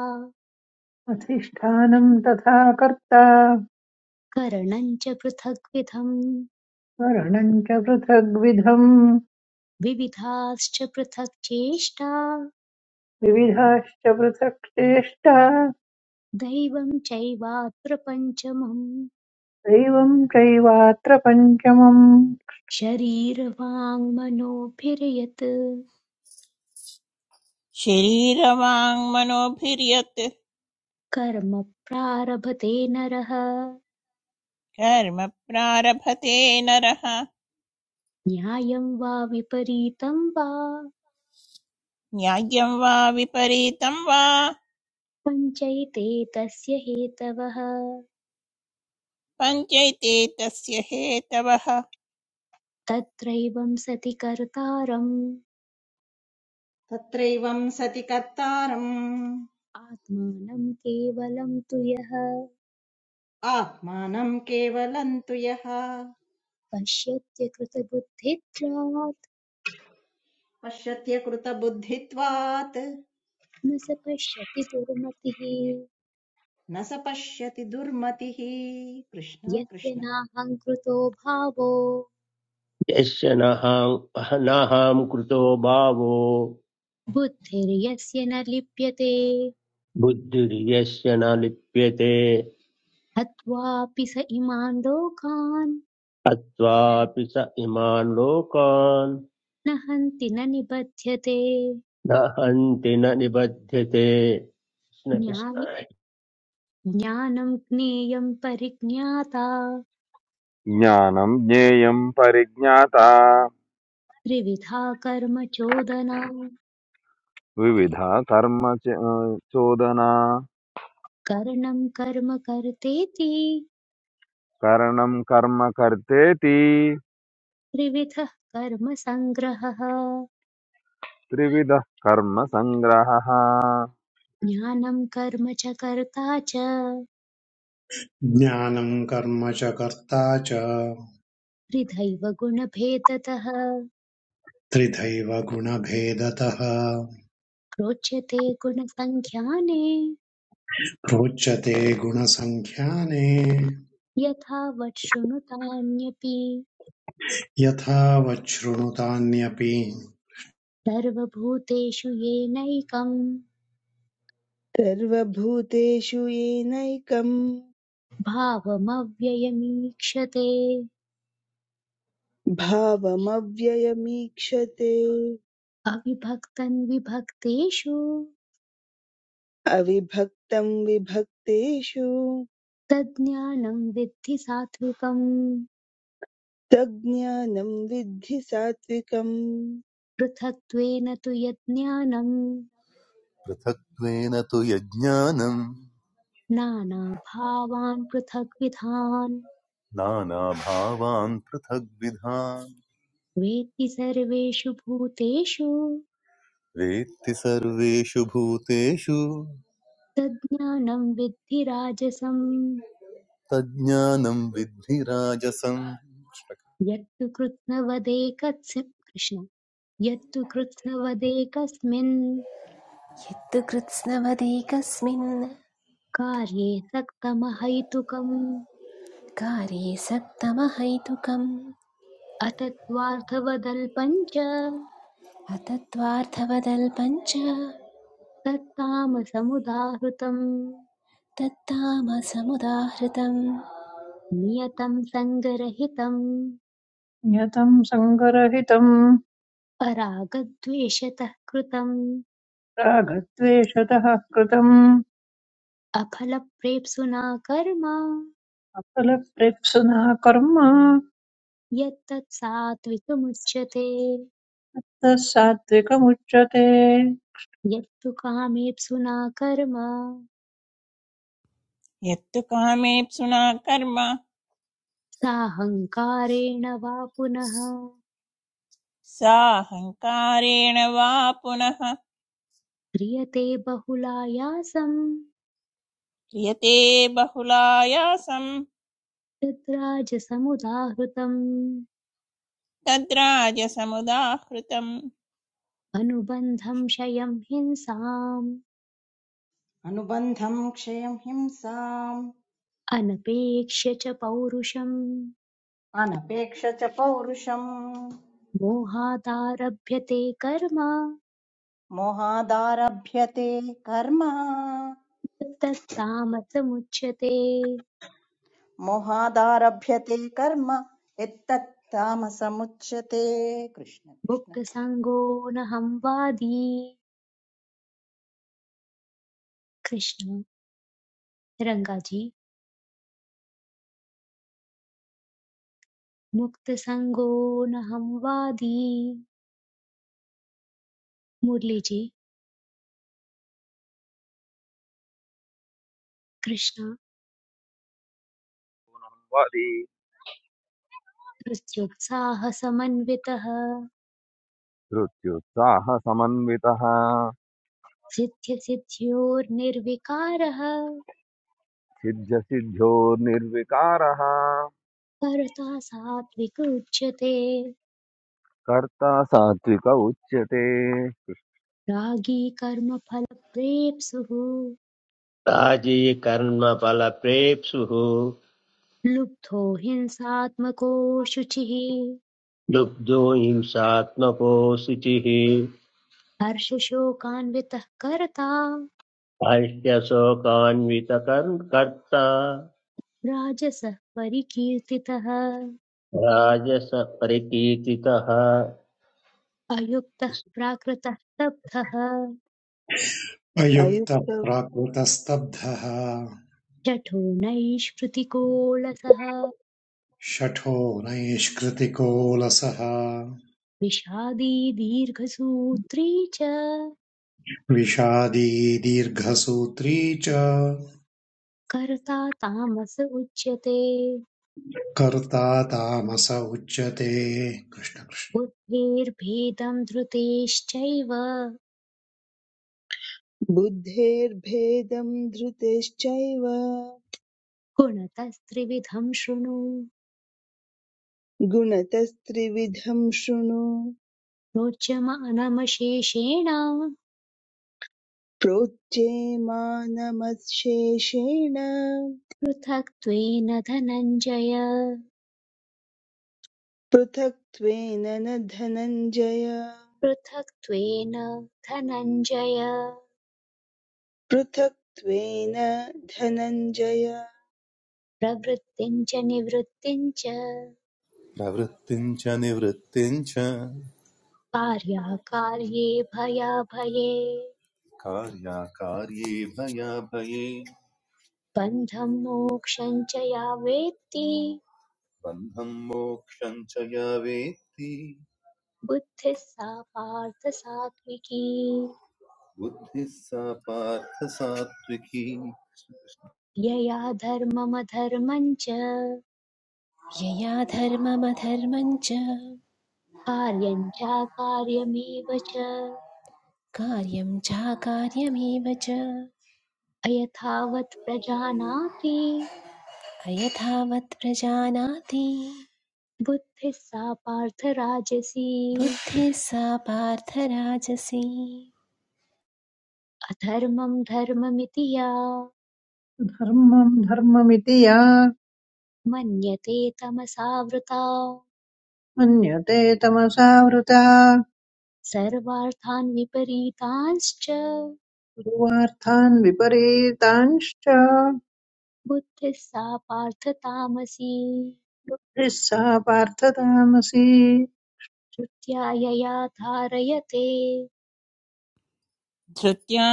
[SPEAKER 4] अधिष्ठानं तथा कर्ता
[SPEAKER 1] करणं च पृथग्विधम्
[SPEAKER 4] करणं च पृथग्विधम्
[SPEAKER 1] विविधाश्च पृथक् चेष्टा
[SPEAKER 4] विविधाश्च पृथक् चेष्टा
[SPEAKER 1] दैवं चैवात्र पञ्चमम्
[SPEAKER 4] दैवं चैवात्र पञ्चमम्
[SPEAKER 1] शरीरवाङ्मनोभिर्यत्
[SPEAKER 5] शरीरवाङ्मनोभिर्यत्
[SPEAKER 1] कर्म प्रारभते नरः
[SPEAKER 5] कर्म प्रारभते नरः
[SPEAKER 1] न्यायं वा विपरीतं वा
[SPEAKER 5] न्याय्यं वा विपरीतं वा
[SPEAKER 1] पञ्चैते तस्य हेतवः
[SPEAKER 5] पञ्चैते तस्य हेतवः
[SPEAKER 1] तत्रैवं सति कर्तारम्
[SPEAKER 6] तत्रैवं सति कर्तारम्
[SPEAKER 1] आत्मानं केवलं तु यः
[SPEAKER 6] आत्मानं केवलं तु यः
[SPEAKER 1] पश्यत्यकृतबुद्धित्वात्
[SPEAKER 6] पश्यत्यकृतबुद्धित्वात्
[SPEAKER 1] न स पश्यति दुर्मतिः
[SPEAKER 6] न स पश्यति दुर्मतिः कृष्ण
[SPEAKER 1] यस्य
[SPEAKER 6] कृष्ण
[SPEAKER 1] नाहङ्कृतो भावो
[SPEAKER 7] यस्य नहां नाहं कृतो भावो
[SPEAKER 1] बुद्धिर्यस्य न लिप्यते
[SPEAKER 7] बुद्धिर्यस्य न लिप्यते
[SPEAKER 1] हत्वापि स इमान् लोकान्
[SPEAKER 7] हत्वापि स इमान् लोकान्
[SPEAKER 1] न हन्ति न निबध्यते
[SPEAKER 7] न हन्ति न निबध्यते
[SPEAKER 1] ज्ञानि ज्ञानं ज्ञेयं परिज्ञाता
[SPEAKER 8] ज्ञानं ज्ञेयं परिज्ञाता
[SPEAKER 1] त्रिविधा कर्म चोदना
[SPEAKER 8] विविधा कर्म च- चोदना
[SPEAKER 1] करणं कर्म कर्तेति
[SPEAKER 8] करणं कर्म कर्तेति
[SPEAKER 1] त्रिविधः कर्मसङ्ग्रहः
[SPEAKER 8] त्रिविधः कर्म सङ्ग्रहः
[SPEAKER 1] ज्ञानं कर्म च कर्ता च
[SPEAKER 2] ज्ञानम् कर्म च कर्ता च
[SPEAKER 1] त्रिधैव गुणभेदतः
[SPEAKER 2] त्रिधैव गुणभेदतः
[SPEAKER 1] प्रोच्यते गुणसङ्ख्याने
[SPEAKER 2] प्रोच्यते गुणसङ्ख्याने
[SPEAKER 1] यथावत् शृणुतान्यपि
[SPEAKER 2] यथा वच्छृणुतान्यपि
[SPEAKER 1] सर्वभूतेषु येनैकं
[SPEAKER 9] सर्वभूतेषु येनैकं
[SPEAKER 1] भावमव्ययमीक्षते
[SPEAKER 9] भावमव्ययमीक्षते
[SPEAKER 1] अविभक्तं विभक्तेषु
[SPEAKER 9] अविभक्तं विभक्तेषु
[SPEAKER 1] तज्ज्ञानं विद्धि सात्विकम्
[SPEAKER 9] तज्ज्ञानं विद्धि सात्विकम्
[SPEAKER 1] पृथक्त्वेन तु यज्ज्ञानं
[SPEAKER 10] पृथक्त्वेन तु यज्ञानं
[SPEAKER 1] नानाभावान् पृथग्विधान्
[SPEAKER 10] नानाभावान् पृथग्विधान्
[SPEAKER 1] वेत्ति सर्वेषु भूतेषु
[SPEAKER 10] वेत्ति सर्वेषु भूतेषु
[SPEAKER 1] तज्ज्ञानं विद्धि राजसम्
[SPEAKER 10] तज्ज्ञानं विद्धि राजसम्
[SPEAKER 1] यत्तु कृत्स्नवदेकस्य कृष्ण यत्तु कृत्स्नवदेकस्मिन्
[SPEAKER 3] यत्तु कृत्स्नवदेकस्मिन्
[SPEAKER 1] कार्ये सक्तमहैतुकम्
[SPEAKER 3] कार्ये सक्तमहैतुकम्
[SPEAKER 1] अतत्त्वार्थवदल्पम् च
[SPEAKER 3] अतत्त्वार्थवदल्पञ्च
[SPEAKER 1] तत्तामसमुदाहृतम्
[SPEAKER 3] तत्तामसमुदाहृतं
[SPEAKER 1] नियतं सङ्गरहितम्
[SPEAKER 4] नियतं सङ्गरहितं
[SPEAKER 1] अरागद्वेषतः कृतम्
[SPEAKER 4] रागद्वेषतः कृतम्
[SPEAKER 1] अफलप्रेप्सुना कर्म
[SPEAKER 4] असलप्रेप्सुना कर्म
[SPEAKER 1] यत्तत् सात्विकमुच्यते
[SPEAKER 4] सात्विकमुच्यते
[SPEAKER 1] यत्तु कामेप्सुना कर्म
[SPEAKER 5] यत्तु कामेप्सुना कर्म
[SPEAKER 1] साहङ्कारेण वा पुनः
[SPEAKER 5] साहङ्कारेण वा पुनः
[SPEAKER 1] क्रियते बहुलायासं
[SPEAKER 5] क्रियते बहुलायासं
[SPEAKER 1] तद्राजसमुदाहृतम्
[SPEAKER 5] तद्राजसमुदाहृतम्
[SPEAKER 1] अनुबन्धं क्षयं हिंसाम्
[SPEAKER 6] अनुबन्धं क्षयं हिंसाम्
[SPEAKER 1] अनपेक्ष्य च पौरुषम्
[SPEAKER 6] अनपेक्ष च पौरुषम्
[SPEAKER 1] मोहादारभ्यते कर्म
[SPEAKER 6] मोहादारभ्यते कर्म
[SPEAKER 1] तत्तत्तामसमुच्यते
[SPEAKER 6] मोहादारभ्यते कर्म यत्तत् तामसमुच्यते कृष्ण कृष्ण
[SPEAKER 1] मुक्तसङ्गो न संवादी कृष्ण रङ्गाजी मुक्तसङ्गो न संवादी मुरलीजी कृष्ण
[SPEAKER 8] वदि
[SPEAKER 1] हृत्युत्साहसमन्वितः
[SPEAKER 8] धृत्युत्साहसमन्वितः
[SPEAKER 1] सिद्ध्यसिद्ध्योर्निर्विकारः
[SPEAKER 8] सिद्ध सिद्ध्यो निर्विकारः
[SPEAKER 1] कर्ता सात्विक उच्यते
[SPEAKER 8] कर्ता सात्विक उच्यते
[SPEAKER 1] रागी कर्मफलप्रेप्सुः
[SPEAKER 7] राजी कर्मफलप्रेप्सुः
[SPEAKER 1] लुब्धो हिंसात्मको शुचिः
[SPEAKER 7] लुब्धो हिंसात्मको शुचिः
[SPEAKER 1] हर्षशोकान्वितः कर्ता
[SPEAKER 7] हास्यशोकान्वितकर्म कर्ता
[SPEAKER 1] राजसः परिकीर्तितः
[SPEAKER 7] राजसपरिकीर्तितः
[SPEAKER 1] अयुक्तः प्राकृतः स्तब्धः
[SPEAKER 2] अयुक्तः
[SPEAKER 9] अयुक्त
[SPEAKER 2] प्राकृतस्तब्धः
[SPEAKER 1] जठो नैष्कृतिकोलसः
[SPEAKER 2] शठो नैष्कृतिकोलसः
[SPEAKER 1] विषादी दीर्घसूत्री च
[SPEAKER 2] विषादी दीर्घसूत्री च
[SPEAKER 1] कर्ता तामस उच्यते
[SPEAKER 2] कर्ता तामस उच्यते कृष्ण
[SPEAKER 1] बुद्धेर्भेदम् धृतेश्चैव
[SPEAKER 9] बुद्धेर्भेदं धृतिश्चैव
[SPEAKER 1] गुणतस्त्रिविधम् शृणु
[SPEAKER 9] गुणतस्त्रिविधं शृणु
[SPEAKER 1] रोचमानमशेषेण
[SPEAKER 9] प्रोच्ये मानमशेषेण
[SPEAKER 1] पृथक्त्वेन धनञ्जय
[SPEAKER 9] पृथक्त्वेन न धनञ्जय
[SPEAKER 1] पृथक्त्वेन धनञ्जय
[SPEAKER 9] पृथक्त्वेन धनञ्जय
[SPEAKER 1] प्रवृत्तिं च निवृत्तिं च
[SPEAKER 10] प्रवृत्तिं च निवृत्तिं च
[SPEAKER 1] कार्याकार्ये भयाभये
[SPEAKER 10] कार्याकार्ये भयाभये
[SPEAKER 1] बन्धं मोक्षं च या वेत्ति
[SPEAKER 10] बन्धं मोक्षं च या वेत्ति
[SPEAKER 1] बुद्धिः सा पार्थ सात्विकी
[SPEAKER 10] बुद्धिः सा पार्थ सात्विकी
[SPEAKER 1] यया धर्ममधर्मं च
[SPEAKER 3] यया धर्ममधर्मं च
[SPEAKER 1] कार्यं चाकार्यमेव च
[SPEAKER 3] कार्यं चाकार्यमेव च
[SPEAKER 1] अयथावत् प्रजानाति
[SPEAKER 3] अयथावत् प्रजानाति
[SPEAKER 1] बुद्धिः सा पार्थ राजसी
[SPEAKER 3] बुद्धिः सा पार्थराजसी
[SPEAKER 1] अधर्मं धर्ममिति या
[SPEAKER 4] धर्मम् धर्ममिति या
[SPEAKER 1] मन्यते तमसावृता
[SPEAKER 4] मन्यते तमसावृता
[SPEAKER 1] सर्वार्थान् विपरीतांश्च
[SPEAKER 4] पूर्वार्थान् विपरीतांश्च
[SPEAKER 1] बुद्धिः सा पार्थ तामसी
[SPEAKER 4] यः सा पार्थतामसी
[SPEAKER 1] श्रुत्या यया धारयते
[SPEAKER 5] धृत्या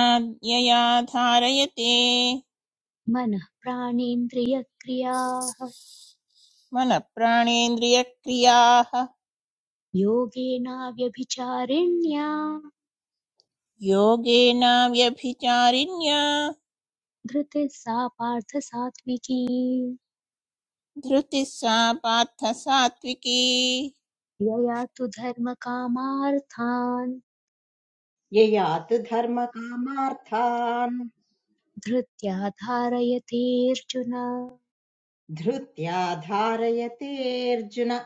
[SPEAKER 5] यया धारयते
[SPEAKER 1] मनः प्राणेन्द्रियक्रियाः
[SPEAKER 5] मनःप्राणेन्द्रियक्रियाः
[SPEAKER 1] योगेनाव्यभिचारिण्या
[SPEAKER 5] योगेनाव्यभिचारिण्या
[SPEAKER 1] धृतिः सा पार्थ सात्विकी
[SPEAKER 5] धृतिः सा पार्थ सात्विकी
[SPEAKER 1] यया तु धर्मकामार्थान्
[SPEAKER 6] ययात् धर्मकामार्थान्
[SPEAKER 1] धृत्या धारयतेऽर्जुन
[SPEAKER 6] धृत्या धारयते अर्जुन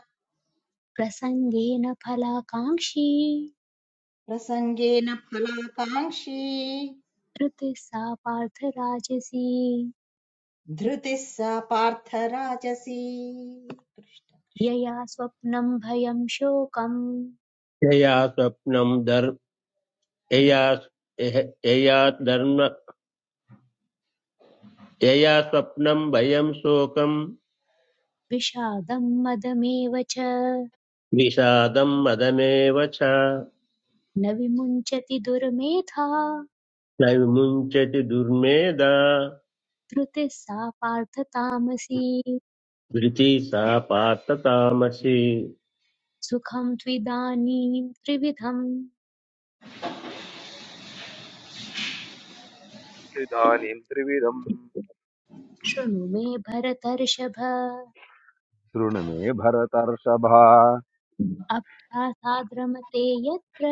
[SPEAKER 1] प्रसङ्गेन फलाकाङ्क्षी
[SPEAKER 6] प्रसङ्गेन फलाकाङ्क्षी
[SPEAKER 1] धृतिः सा पार्थराजसी
[SPEAKER 6] धृतिः सा पार्थराजसी कृष्ण कृष्ण
[SPEAKER 1] यया स्वप्नं भयं शोकं
[SPEAKER 7] जया स्वप्नम् यया यः- यया धर्म यया स्वप्नं भयं शोकं
[SPEAKER 1] विषादं मदमेव च
[SPEAKER 7] विषादं मदमेव च
[SPEAKER 1] न विमुञ्चति दुर्मेधा
[SPEAKER 7] न विमुञ्चति दुर्मेधा
[SPEAKER 1] धृतिः सा पार्थ तामसी
[SPEAKER 7] धृति सा पार्थतामसि
[SPEAKER 1] सुखं त्विदानीं त्रिविधं
[SPEAKER 8] इदानीं त्रिविधम्
[SPEAKER 1] शृणु मे भरतर्षभ
[SPEAKER 8] शृणु मे भरतर्षभा
[SPEAKER 1] अभ्यासाद्रमते यत्र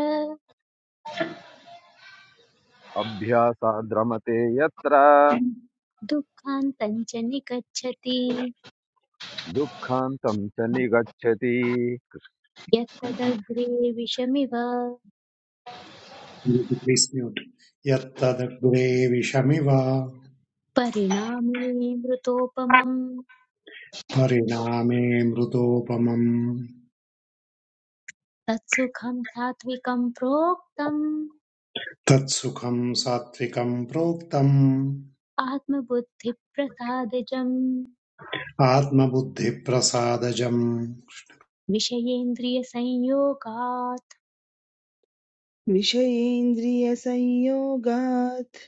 [SPEAKER 8] अभ्यासाद्रमते यत्र
[SPEAKER 1] दुःखान्तञ्च निगच्छति
[SPEAKER 8] दुःखान्तं च निगच्छति
[SPEAKER 1] यत्तदग्रे विषमिव
[SPEAKER 2] कृष्ण यत्तदग्रे विषमिव
[SPEAKER 1] परिणामिनि मृतोपमम्
[SPEAKER 2] परिणामे मृतोपमम्
[SPEAKER 1] तत्सुखं सात्विकं प्रोक्तम्
[SPEAKER 2] तत्सुखम् सात्विकम् प्रोक्तम्
[SPEAKER 1] आत्मबुद्धिप्रसादजम्
[SPEAKER 2] आत्मबुद्धिप्रसादजम्
[SPEAKER 1] विषयेन्द्रियसंयोगात्
[SPEAKER 9] विषयेन्द्रियसंयोगात्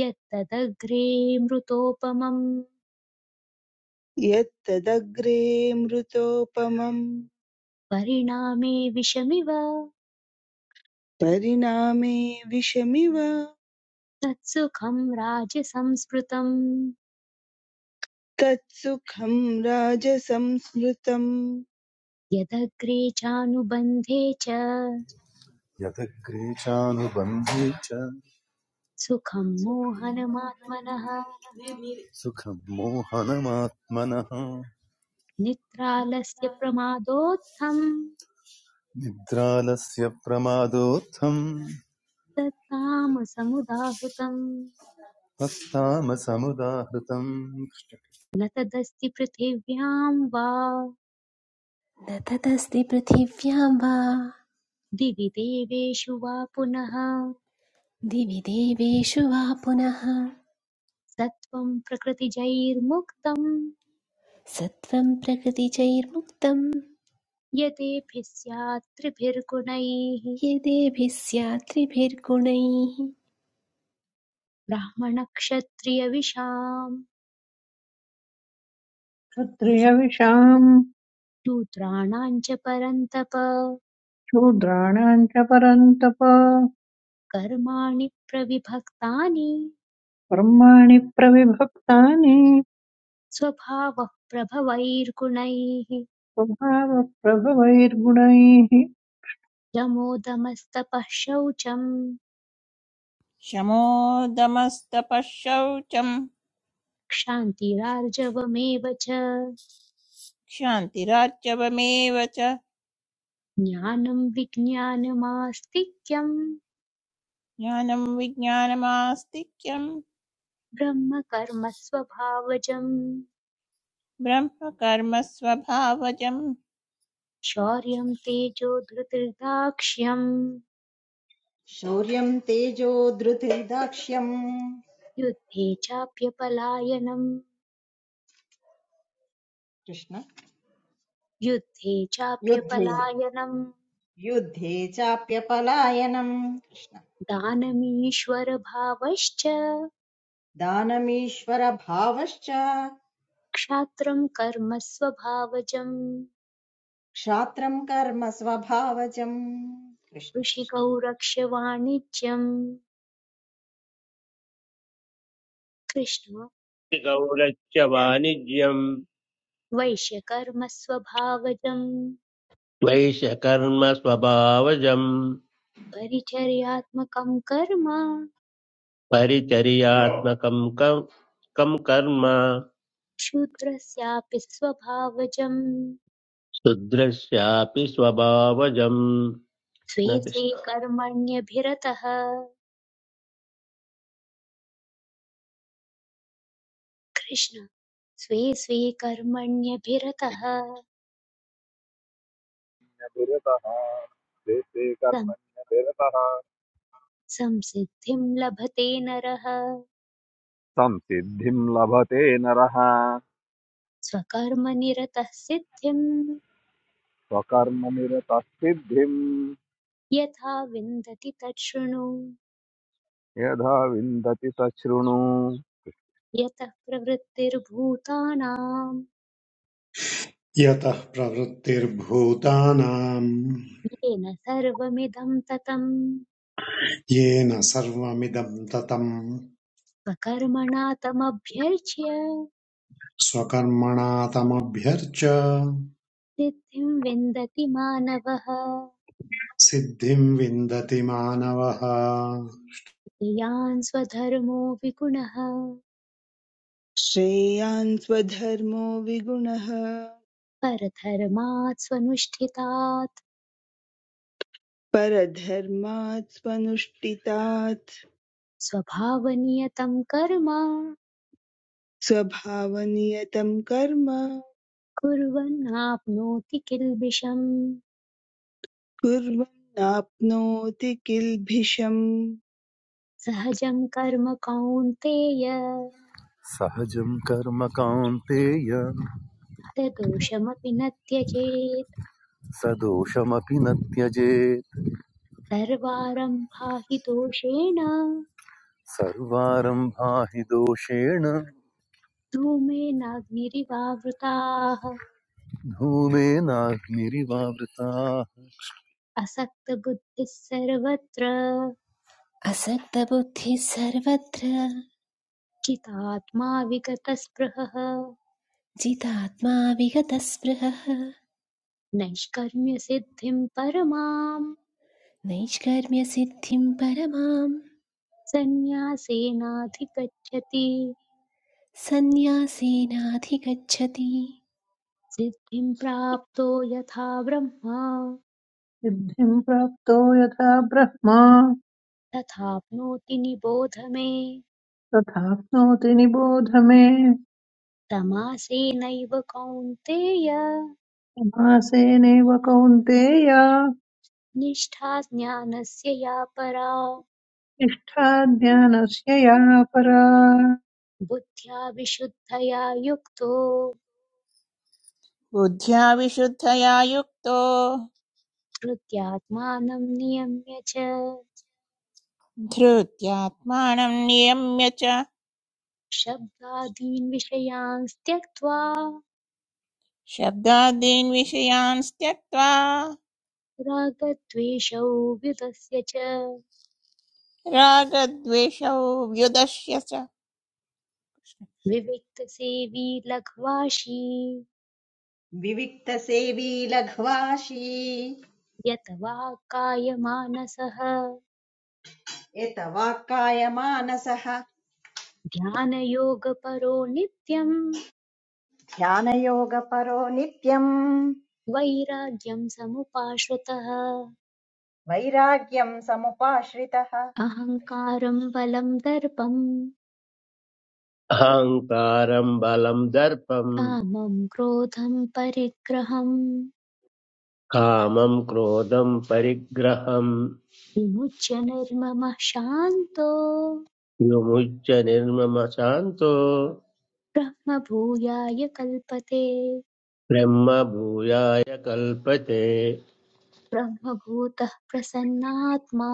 [SPEAKER 1] यत्तदग्रे मृतोपमम्
[SPEAKER 9] यत्तदग्रे मृतोपमम्
[SPEAKER 1] परिणामे विषमिव
[SPEAKER 9] परिणामे विषमिव
[SPEAKER 1] तत्सुखं राजसंस्मृतम्
[SPEAKER 9] तत्सुखं राजसंस्मृतम्
[SPEAKER 1] यदग्रे चानुबन्धे च
[SPEAKER 10] यतग्रे चानुबन्धे च
[SPEAKER 1] सुखं मोहनमात्मनः
[SPEAKER 10] सुखं मोहनमात्मनः
[SPEAKER 1] नित्रालस्य प्रमादोत्थं
[SPEAKER 10] निद्रालस्य प्रमादोत्थं
[SPEAKER 1] तत्तामसमुदाहृतम्
[SPEAKER 10] पस्तामसमुदाहृतम्
[SPEAKER 1] न तदस्ति पृथिव्यां वा
[SPEAKER 3] न ततस्ति पृथिव्यां वा
[SPEAKER 1] दिवि देवेषु वा पुनः
[SPEAKER 3] दिवि देवेषु वा पुनः
[SPEAKER 1] सत्त्वं प्रकृतिजैर्मुक्तं
[SPEAKER 3] सत्त्वं प्रकृतिचैर्मुक्तं
[SPEAKER 1] यतेभिः स्यात् त्रिभिर्गुणैः
[SPEAKER 3] यदेभिः स्यात् त्रिभिर्गुणैः
[SPEAKER 1] ब्राह्मणक्षत्रियविषाम्
[SPEAKER 4] क्षत्रियविषाम्
[SPEAKER 1] शूद्राणाम् च परन्तप
[SPEAKER 4] शूद्राणाम् च परन्तप
[SPEAKER 1] कर्माणि प्रविभक्तानि
[SPEAKER 4] कर्माणि प्रविभक्तानि
[SPEAKER 1] स्वभावः प्रभवैर्गुणैः
[SPEAKER 4] स्वभावप्रभवैर्गुणैः
[SPEAKER 1] शमोदमस्तपः शौचम्
[SPEAKER 5] शमोदमस्तपः शौचम्
[SPEAKER 1] क्षान्तिरार्जवमेव च
[SPEAKER 5] क्षान्तिरार्जवमेव च
[SPEAKER 1] ज्ञानं विज्ञानमास्तिक्यं
[SPEAKER 5] ज्ञानं विज्ञानमास्तिक्यम्
[SPEAKER 1] ब्रह्मकर्म स्वभावजम्
[SPEAKER 5] ब्रह्म कर्म स्वभावजम्
[SPEAKER 1] शौर्यं तेजो धृतिर्दाक्ष्यम्
[SPEAKER 6] शौर्यं तेजो धृतिर्दाक्ष्यम्
[SPEAKER 1] युद्धे चाप्यपलायनम्
[SPEAKER 6] कृष्ण
[SPEAKER 1] युद्धे
[SPEAKER 6] युद्धे
[SPEAKER 1] चाप्यपलायनम्
[SPEAKER 6] युद्धे चाप्यपलायनम् कृष्ण
[SPEAKER 1] दानमीश्वरभावश्च
[SPEAKER 6] दानमीश्वरभावश्च
[SPEAKER 1] क्षात्रं कर्म स्वभावजम्
[SPEAKER 6] क्षात्रं कर्म स्वभावजम् कृष्ण
[SPEAKER 1] ऋषिकौ
[SPEAKER 6] कृष्ण
[SPEAKER 1] रक्ष वाणिज्यम् कृष्ण
[SPEAKER 7] गौरस्य वाणिज्यं
[SPEAKER 1] वैश्यकर्म स्वभावजं
[SPEAKER 7] द्वैषकर्म स्वभावजं
[SPEAKER 1] परिचर्यात्मकं कर्म
[SPEAKER 7] परिचर्यात्मकं कं कर्म
[SPEAKER 1] शूद्रस्यापि स्वभावजं
[SPEAKER 7] शूद्रस्यापि स्वभावजं
[SPEAKER 1] स्वे
[SPEAKER 7] कृष्ण
[SPEAKER 1] स्वे
[SPEAKER 7] कृष्ण
[SPEAKER 1] कर्मण्यभिरतः कृष्ण स्वे स्वे कर्मण्यभिरतः
[SPEAKER 8] निरतः देशे
[SPEAKER 1] सं-
[SPEAKER 8] कर्मण्यनिरतः
[SPEAKER 1] संसिद्धिं लभते नरः
[SPEAKER 8] संसिद्धिं लभते नरः
[SPEAKER 1] स्वकर्मनिरतः सिद्धिं
[SPEAKER 8] स्वकर्मनिरतः सिद्धिं
[SPEAKER 1] यथा विन्दति तत् शृणु
[SPEAKER 8] यदा विन्दति स शृणु
[SPEAKER 1] यतः प्रवृत्तिर्भूतानां
[SPEAKER 2] यतः प्रवृत्तिर्भूतानाम्
[SPEAKER 1] येन सर्वमिदं ततम्
[SPEAKER 2] येन सर्वमिदम् ततम्
[SPEAKER 1] स्वकर्मणा तमभ्यर्च्य
[SPEAKER 2] स्वकर्मणा तमभ्यर्च
[SPEAKER 1] सिद्धिं विन्दति मानवः
[SPEAKER 2] सिद्धिम् विन्दति मानवः
[SPEAKER 1] यान् स्वधर्मो विगुणः
[SPEAKER 9] श्रेयान् स्वधर्मो विगुणः
[SPEAKER 1] परधर्मात् स्वनुष्ठितात्
[SPEAKER 9] परधर्मात् स्वनुष्ठितात्
[SPEAKER 1] स्वभावनियतं कर्म
[SPEAKER 9] स्वभावनियतं कर्म
[SPEAKER 1] कुर्वन्नाप्नोति किल्बिषम्
[SPEAKER 9] कुर्वन् नाप्नोति किल्भिषम्
[SPEAKER 1] सहजं कर्म कौन्तेय
[SPEAKER 10] सहजं कर्म कान्तेय
[SPEAKER 1] दोषमपि न त्यजेत्
[SPEAKER 10] सदोषमपि न त्यजेत्
[SPEAKER 1] सर्वारम्भा हि दोषेण
[SPEAKER 10] सर्वारम्भा हि दोषेण
[SPEAKER 1] धूमेनाग्निरिवावृताः
[SPEAKER 10] धूमेनाग्निरिवावृताः
[SPEAKER 1] असक्तबुद्धिः सर्वत्र
[SPEAKER 3] असक्तबुद्धिः सर्वत्र
[SPEAKER 1] चितात्मा विगतस्पृहः
[SPEAKER 3] जितात्मा विगतस्पृहः
[SPEAKER 1] नैष्कर्म्यसिद्धिं परमां
[SPEAKER 3] नैष्कर्म्यसिद्धिं परमां
[SPEAKER 1] सन्न्यासेनाधिगच्छति
[SPEAKER 3] सन्न्यासेनाधिगच्छति
[SPEAKER 1] सिद्धिं प्राप्तो यथा ब्रह्मा
[SPEAKER 4] सिद्धिम् प्राप्तो यथा ब्रह्मा
[SPEAKER 1] तथाप्नोति निबोध मे
[SPEAKER 4] तथाप्नोति निबोध मे
[SPEAKER 1] तमासेनैव कौन्तेय
[SPEAKER 4] समासेनैव कौन्तेय
[SPEAKER 1] निष्ठा ज्ञानस्य या परा
[SPEAKER 4] निष्ठाज्ञानस्य या परा
[SPEAKER 1] बुद्ध्या विशुद्धया युक्तो
[SPEAKER 5] बुद्ध्या विशुद्धया युक्तो
[SPEAKER 1] धृत्यात्मानं नियम्य च
[SPEAKER 5] धृत्यात्मानं नियम्य च
[SPEAKER 1] शब्दादीन् विषयांस्त्यक्त्वा
[SPEAKER 5] शब्दादीन् विषयान् त्यक्त्वा
[SPEAKER 1] रागद्वेषौ व्युतस्य च
[SPEAKER 5] रागद्वेषौ व्युदश्य च
[SPEAKER 1] विविक्तसेवी लघ्वाशी
[SPEAKER 6] विविक्तसेवी लघ्वाशी
[SPEAKER 1] यत वा कायमानसः
[SPEAKER 6] यत वाक्काय मानसः
[SPEAKER 1] ध्यानयोगपरो नित्यम्
[SPEAKER 6] ध्यानयोगपरो नित्यम्
[SPEAKER 1] वैराग्यं समुपाश्रुतः
[SPEAKER 6] वैराग्यं समुपाश्रितः
[SPEAKER 1] अहङ्कारं बलं दर्पं
[SPEAKER 7] अहङ्कारं बलं दर्पम्
[SPEAKER 1] कामं क्रोधं परिग्रहम्
[SPEAKER 7] कामं क्रोधं परिग्रहं
[SPEAKER 1] विमुच्य निर्ममः शान्तो
[SPEAKER 7] विमुच्य निर्ममशान्तो
[SPEAKER 1] ब्रह्मभूयाय कल्पते
[SPEAKER 7] ब्रह्मभूयाय कल्पते
[SPEAKER 1] ब्रह्मभूतः प्रसन्नात्मा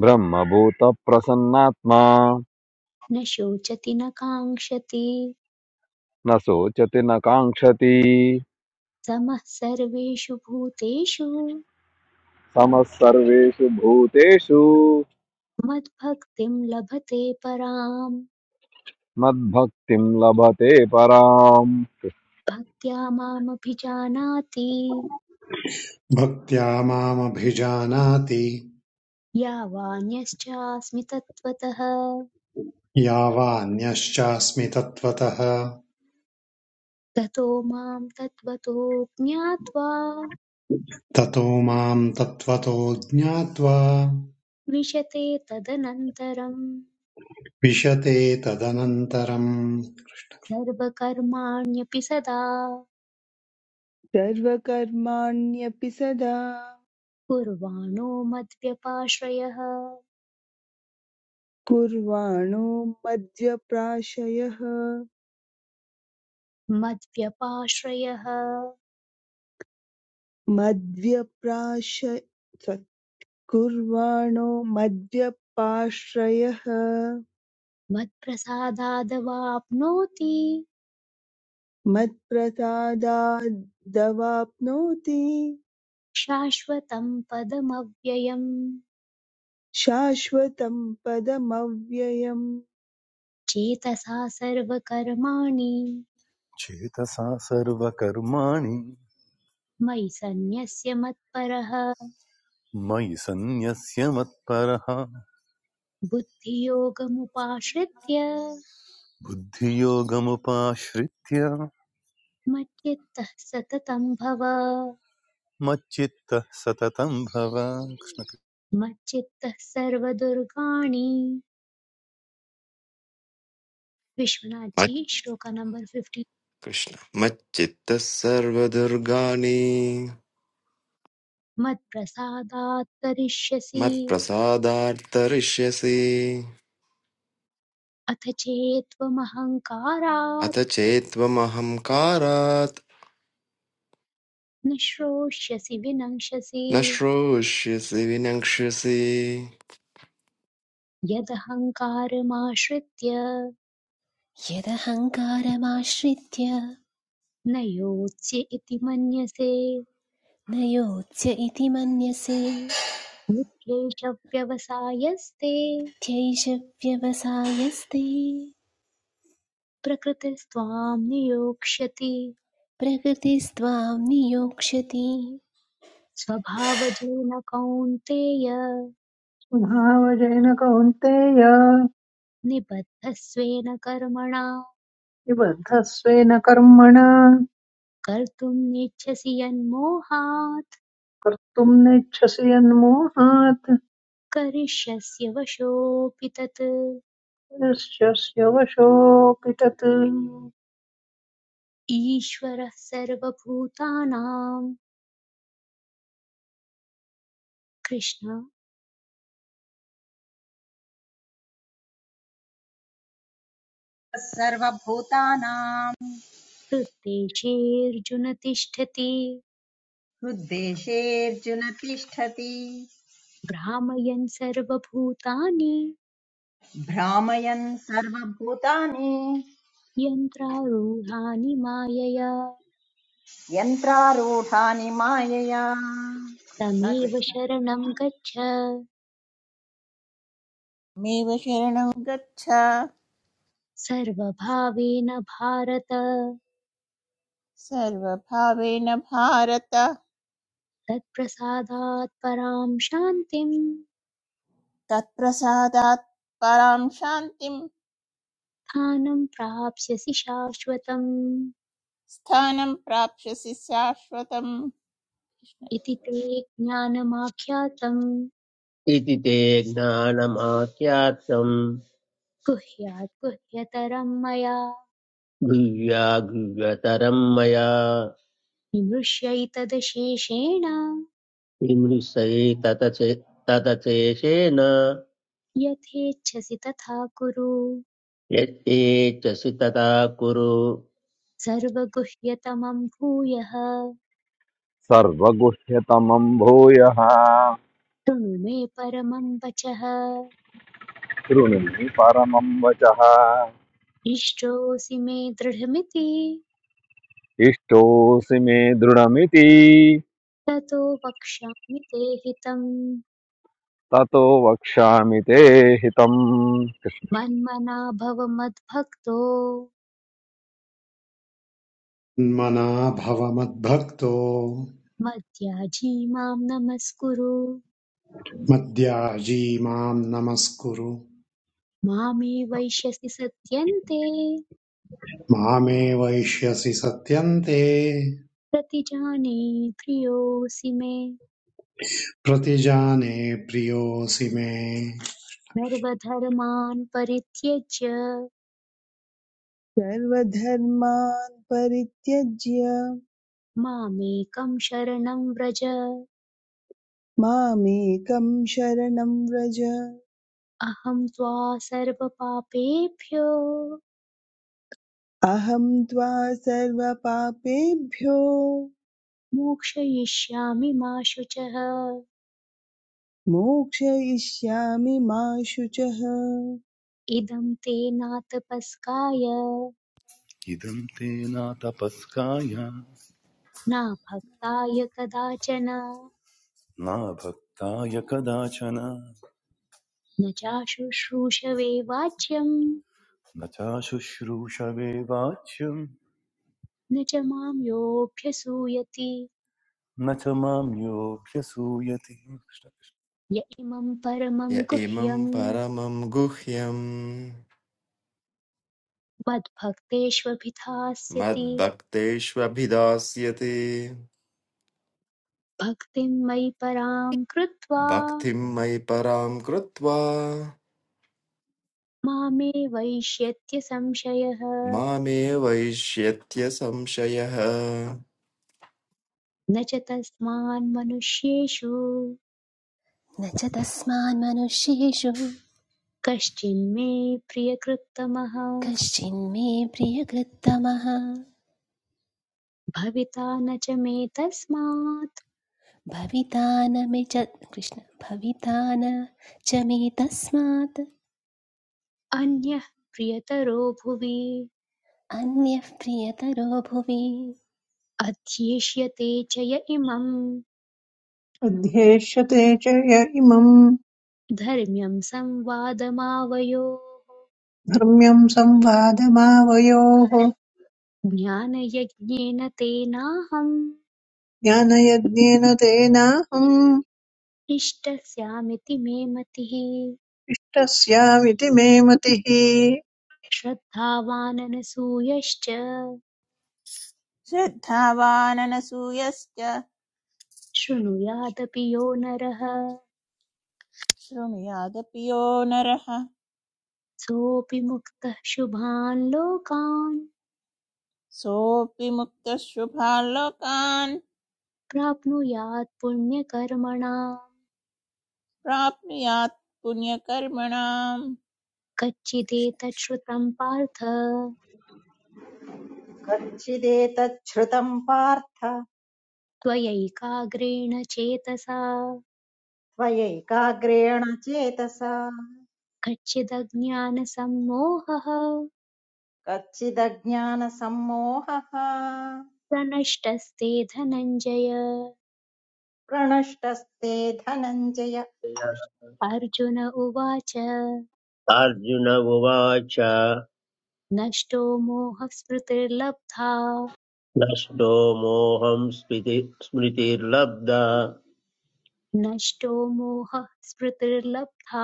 [SPEAKER 8] ब्रह्मभूतप्रसन्नात्मा
[SPEAKER 1] न शोचति न काङ्क्षति
[SPEAKER 8] न शोचति न काङ्क्षति
[SPEAKER 1] समः सर्वेषु भूतेषु
[SPEAKER 8] समः सर्वेषु भूतेषु
[SPEAKER 1] मद्भक्तिं लभते पराम्
[SPEAKER 8] मद्भक्तिं लभते पराम्
[SPEAKER 1] भक्त्या मामभिजानाति
[SPEAKER 2] भक्त्या मामभिजानाति
[SPEAKER 1] यावान्यश्चास्मि तत्त्वतः
[SPEAKER 2] या वान्यश्चास्मि तत्त्वतः
[SPEAKER 1] ततो मां तत्त्वतो ज्ञात्वा
[SPEAKER 2] ततो माम् तत्त्वतो ज्ञात्वा
[SPEAKER 1] विशते तदनन्तरम्
[SPEAKER 2] विशते तदनन्तरम्
[SPEAKER 1] सर्वकर्माण्यपि सदा
[SPEAKER 9] सर्वकर्माण्यपि सदा
[SPEAKER 1] कुर्वाणो मद्व्यपाश्रयः
[SPEAKER 9] कुर्वाणो मद्व्यप्राशयः
[SPEAKER 1] मद्व्यपाश्रयः
[SPEAKER 9] मद्व्यप्राश sorry, कुर्वाणो मद्व्यपाश्रयः
[SPEAKER 1] मत्प्रसादादवाप्नोति
[SPEAKER 9] मत्प्रसादादवाप्नोति
[SPEAKER 1] शाश्वतं पदमव्ययम्
[SPEAKER 9] शाश्वतं पदमव्ययम्
[SPEAKER 1] चेतसा सर्वकर्माणि
[SPEAKER 10] चेतसा सर्वकर्माणि
[SPEAKER 1] मयि सन्न्यस्य मत्परः
[SPEAKER 10] मयि सन्न्यस्य मत्परः
[SPEAKER 1] बुद्धियोगमुपाश्रित्य
[SPEAKER 10] बुद्धियोगमुपाश्रित्य
[SPEAKER 1] मच्चित्तः सततं भव
[SPEAKER 10] मच्चित्तः सततं भव
[SPEAKER 1] मच्चित्तः सर्वदुर्गाणि विश्वनाथजी
[SPEAKER 11] मत्-
[SPEAKER 1] श्लोक नंबर फिफ्टी
[SPEAKER 11] कृष्ण मच्चित्तः सर्वदुर्गाणि
[SPEAKER 1] मत्प्रसादात् करिष्यसि
[SPEAKER 11] मत्प्रसादार्तरिष्यसि
[SPEAKER 1] अथ
[SPEAKER 11] अथ
[SPEAKER 1] चेत्त्वमहङ्कारात्
[SPEAKER 11] चेत्त्वमहङ्कारात्
[SPEAKER 1] न श्रोष्यसि विनङ्क्षसि
[SPEAKER 11] न श्रोष्यसि विनक्ष्यसि
[SPEAKER 1] यदहङ्कारमाश्रित्य
[SPEAKER 3] यदहङ्कारमाश्रित्य
[SPEAKER 1] न योत्स्य इति मन्यसे
[SPEAKER 3] न योत्स्य इति मन्यसे
[SPEAKER 1] निःक्लेशव्यवसायस्ते
[SPEAKER 3] त्यैष व्यवसायस्ते
[SPEAKER 1] प्रकृतिस्त्वां नियोक्ष्यति
[SPEAKER 3] प्रकृतिस्त्वां नियोक्ष्यति
[SPEAKER 1] स्वभावजेन कौन्तेय
[SPEAKER 4] स्वभावजेन कौन्तेय
[SPEAKER 1] निबद्धस्वेन कर्मणा
[SPEAKER 4] निबद्धस्वेन कर्मणा
[SPEAKER 1] कर्तुम् नेच्छसि यन्मोहात्
[SPEAKER 4] कर्तुम् नेच्छसि यन्मोहात्
[SPEAKER 1] करिष्यस्य वशोऽपि तत्
[SPEAKER 4] यस्य वशोऽपि तत्
[SPEAKER 1] ईश्वरः सर्वभूतानां कृष्ण
[SPEAKER 6] सर्वभूतानां
[SPEAKER 1] हृद्देशेऽर्जुन तिष्ठति
[SPEAKER 6] हृद्देशेऽर्जुन तिष्ठति
[SPEAKER 1] भ्रामयन् सर्वभूतानि
[SPEAKER 6] भ्रामयन् सर्वभूतानि
[SPEAKER 1] यन्त्रारूढानि मायया
[SPEAKER 6] यन्त्रारूढानि मायया कृष्ण
[SPEAKER 1] तमेव
[SPEAKER 6] कृष्ण
[SPEAKER 1] शरणं गच्छ
[SPEAKER 5] मेव शरणं गच्छ
[SPEAKER 1] सर्वभावेन भारत
[SPEAKER 5] सर्वभावेन भारत
[SPEAKER 1] तत्प्रसादात् परां शान्तिं
[SPEAKER 5] तत्प्रसादात् परां शान्तिं
[SPEAKER 1] स्थानं प्राप्स्यसि शाश्वतम्
[SPEAKER 5] स्थानं प्राप्स्यसि शाश्वतम्
[SPEAKER 1] इति ते ज्ञानमाख्यातम्
[SPEAKER 7] इति ते ज्ञानमाख्यातम्
[SPEAKER 1] गुह्यात् गुह्यतरं मया
[SPEAKER 7] दिव्या गुह्यतरं मया
[SPEAKER 1] निमृश्यैतदशेषेण
[SPEAKER 7] विमृशै तत चे- तत चेशेन
[SPEAKER 1] यथेच्छसि तथा कुरु
[SPEAKER 7] यच्चसि तथा कुरु
[SPEAKER 1] सर्वगुह्यतमं भूयः
[SPEAKER 8] सर्वगुह्यतमं भूयः
[SPEAKER 1] शृणु मे परमं वचः
[SPEAKER 8] शृणुमि परमं वचः
[SPEAKER 1] इष्टोऽसि मे दृढमिति
[SPEAKER 8] इष्टोऽसि मे दृढमिति
[SPEAKER 1] ततो वक्ष्यामि ते हितम्
[SPEAKER 8] ततो वक्ष्यामि ते हितम्
[SPEAKER 1] मन्मना भव मद्भक्तो
[SPEAKER 2] मन्मना भव मद्भक्तो
[SPEAKER 1] मद्याजी मां नमस्कुरु
[SPEAKER 2] मद्याजी माम् नमस्कुरु
[SPEAKER 1] मामे वैश्यसि सत्यन्ते
[SPEAKER 2] मामे वैष्यसि सत्यन्ते
[SPEAKER 1] प्रतिजाने प्रियोऽसि मे
[SPEAKER 2] प्रतिजाने प्रियोऽसि मे
[SPEAKER 1] सर्वधर्मान् परित्यज्य
[SPEAKER 9] सर्वधर्मान् परित्यज्य
[SPEAKER 1] मामेकं शरणं व्रज
[SPEAKER 9] मामेकं शरणं व्रज
[SPEAKER 1] अहं त्वा सर्वपापेभ्यो
[SPEAKER 9] अहं त्वा सर्वपापेभ्यो
[SPEAKER 1] मोक्षयिष्यामि मा शुचः
[SPEAKER 9] मोक्षयिष्यामि मा शुचः
[SPEAKER 1] इदं ते नातपस्काय
[SPEAKER 10] इदं ते न तपस्काय
[SPEAKER 1] नाभक्ताय कदाचन
[SPEAKER 10] न भक्ताय कदाचन
[SPEAKER 1] न चाशुश्रूषवे वाच्यं
[SPEAKER 10] न चाशुश्रूषवे वाच्यं
[SPEAKER 1] न च मां योऽभ्यसूयति
[SPEAKER 10] न च मां योऽभ्यसूयते
[SPEAKER 1] य इमं परमं
[SPEAKER 11] य इमं
[SPEAKER 1] गुह्यं
[SPEAKER 11] परमं गुह्यं
[SPEAKER 1] मद्भक्तेष्वभिधास्यति
[SPEAKER 11] मद्भक्तेष्वभिधास्यति
[SPEAKER 1] भक्तिं मयि परां कृत्वा
[SPEAKER 11] भक्तिं मयि परां कृत्वा
[SPEAKER 1] मामे वैष्यत्य संशयः
[SPEAKER 11] मामेवैष्यत्य संशयः
[SPEAKER 1] न च तस्मान् मनुष्येषु
[SPEAKER 3] न च तस्मान्मनुष्येषु
[SPEAKER 1] कश्चिन्मे प्रियकृत्तमः
[SPEAKER 3] कश्चिन्मे प्रियकृत्तमः
[SPEAKER 1] भविता न च मे तस्मात्
[SPEAKER 3] भवितान मे च कृष्ण भवितान च मे तस्मात्
[SPEAKER 1] अन्यः प्रियतरो भुवि
[SPEAKER 3] अन्यः प्रियतरो भुवि
[SPEAKER 1] अध्येष्यते च य इमम्
[SPEAKER 4] अध्येष्यते च य इमम्
[SPEAKER 1] धर्म्यम् संवादमावयोः
[SPEAKER 4] धर्म्यम् संवादमावयोः
[SPEAKER 1] ज्ञानयज्ञेन तेनाहम्
[SPEAKER 4] ज्ञानयज्ञेन तेनाहम्
[SPEAKER 1] इष्टस्यामिति मे मतिः
[SPEAKER 4] तस्यामिति मे मतिः
[SPEAKER 1] श्रद्धावाननसूयश्च
[SPEAKER 5] श्रद्धावाननसूयश्च
[SPEAKER 1] शृणुयादपि यो नरः
[SPEAKER 5] शृणुयादपि यो नरः
[SPEAKER 1] सोऽपि मुक्तः शुभान् लोकान्
[SPEAKER 5] सोऽपि मुक्तः शुभान् लोकान्
[SPEAKER 1] प्राप्नुयात् पुण्यकर्मणा
[SPEAKER 5] प्राप्नुयात् पुण्यकर्मणाम् कृष्ण
[SPEAKER 1] कच्चिदेतत् श्रुतम् पार्थ
[SPEAKER 6] कच्चिदेतच्छ्रुतम् पार्थ
[SPEAKER 1] त्वयैकाग्रेण चेतसा
[SPEAKER 6] त्वयैकाग्रेण चेतसा
[SPEAKER 1] कच्चिदज्ञानसम्मोहः
[SPEAKER 6] कच्चिदज्ञानसम्मोहः
[SPEAKER 1] प्रनष्टस्ते धनञ्जय
[SPEAKER 6] प्रणष्टस्ते धनञ्जय
[SPEAKER 1] अर्जुन उवाच
[SPEAKER 7] अर्जुन उवाच
[SPEAKER 1] नष्टो मोहस्मृतिर्लब्धा
[SPEAKER 7] नष्टो मोहं स्मृति स्मृतिर्लब्धा
[SPEAKER 1] नष्टो मोहः स्मृतिर्लब्धा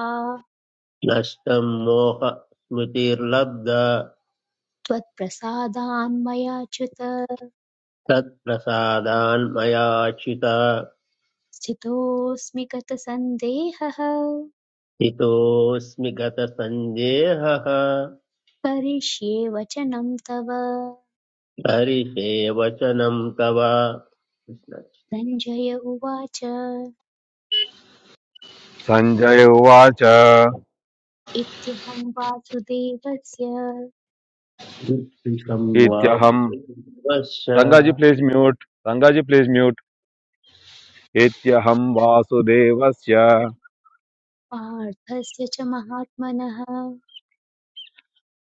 [SPEAKER 7] नष्टं मोहस्मृतिर्लब्धा
[SPEAKER 1] त्वत्प्रसादान्मयाच्युत
[SPEAKER 7] तत्प्रसादान्मयाच्युत
[SPEAKER 1] स्थितोऽस्मि गतसन्देहः
[SPEAKER 7] हितोऽस्मि गतसन्देहः
[SPEAKER 1] करिष्ये वचनं तव
[SPEAKER 7] हरिषे वचनं तव
[SPEAKER 1] सञ्जय उवाच
[SPEAKER 8] सञ्जय उवाच
[SPEAKER 1] इत्यहं वासुदेवस्य
[SPEAKER 7] कृष्णं वा
[SPEAKER 8] इत्यहं
[SPEAKER 7] वश्य।
[SPEAKER 8] Rangaji please mute Rangaji please mute इत्यहं वासुदेवस्य
[SPEAKER 1] पार्थस्य च महात्मनः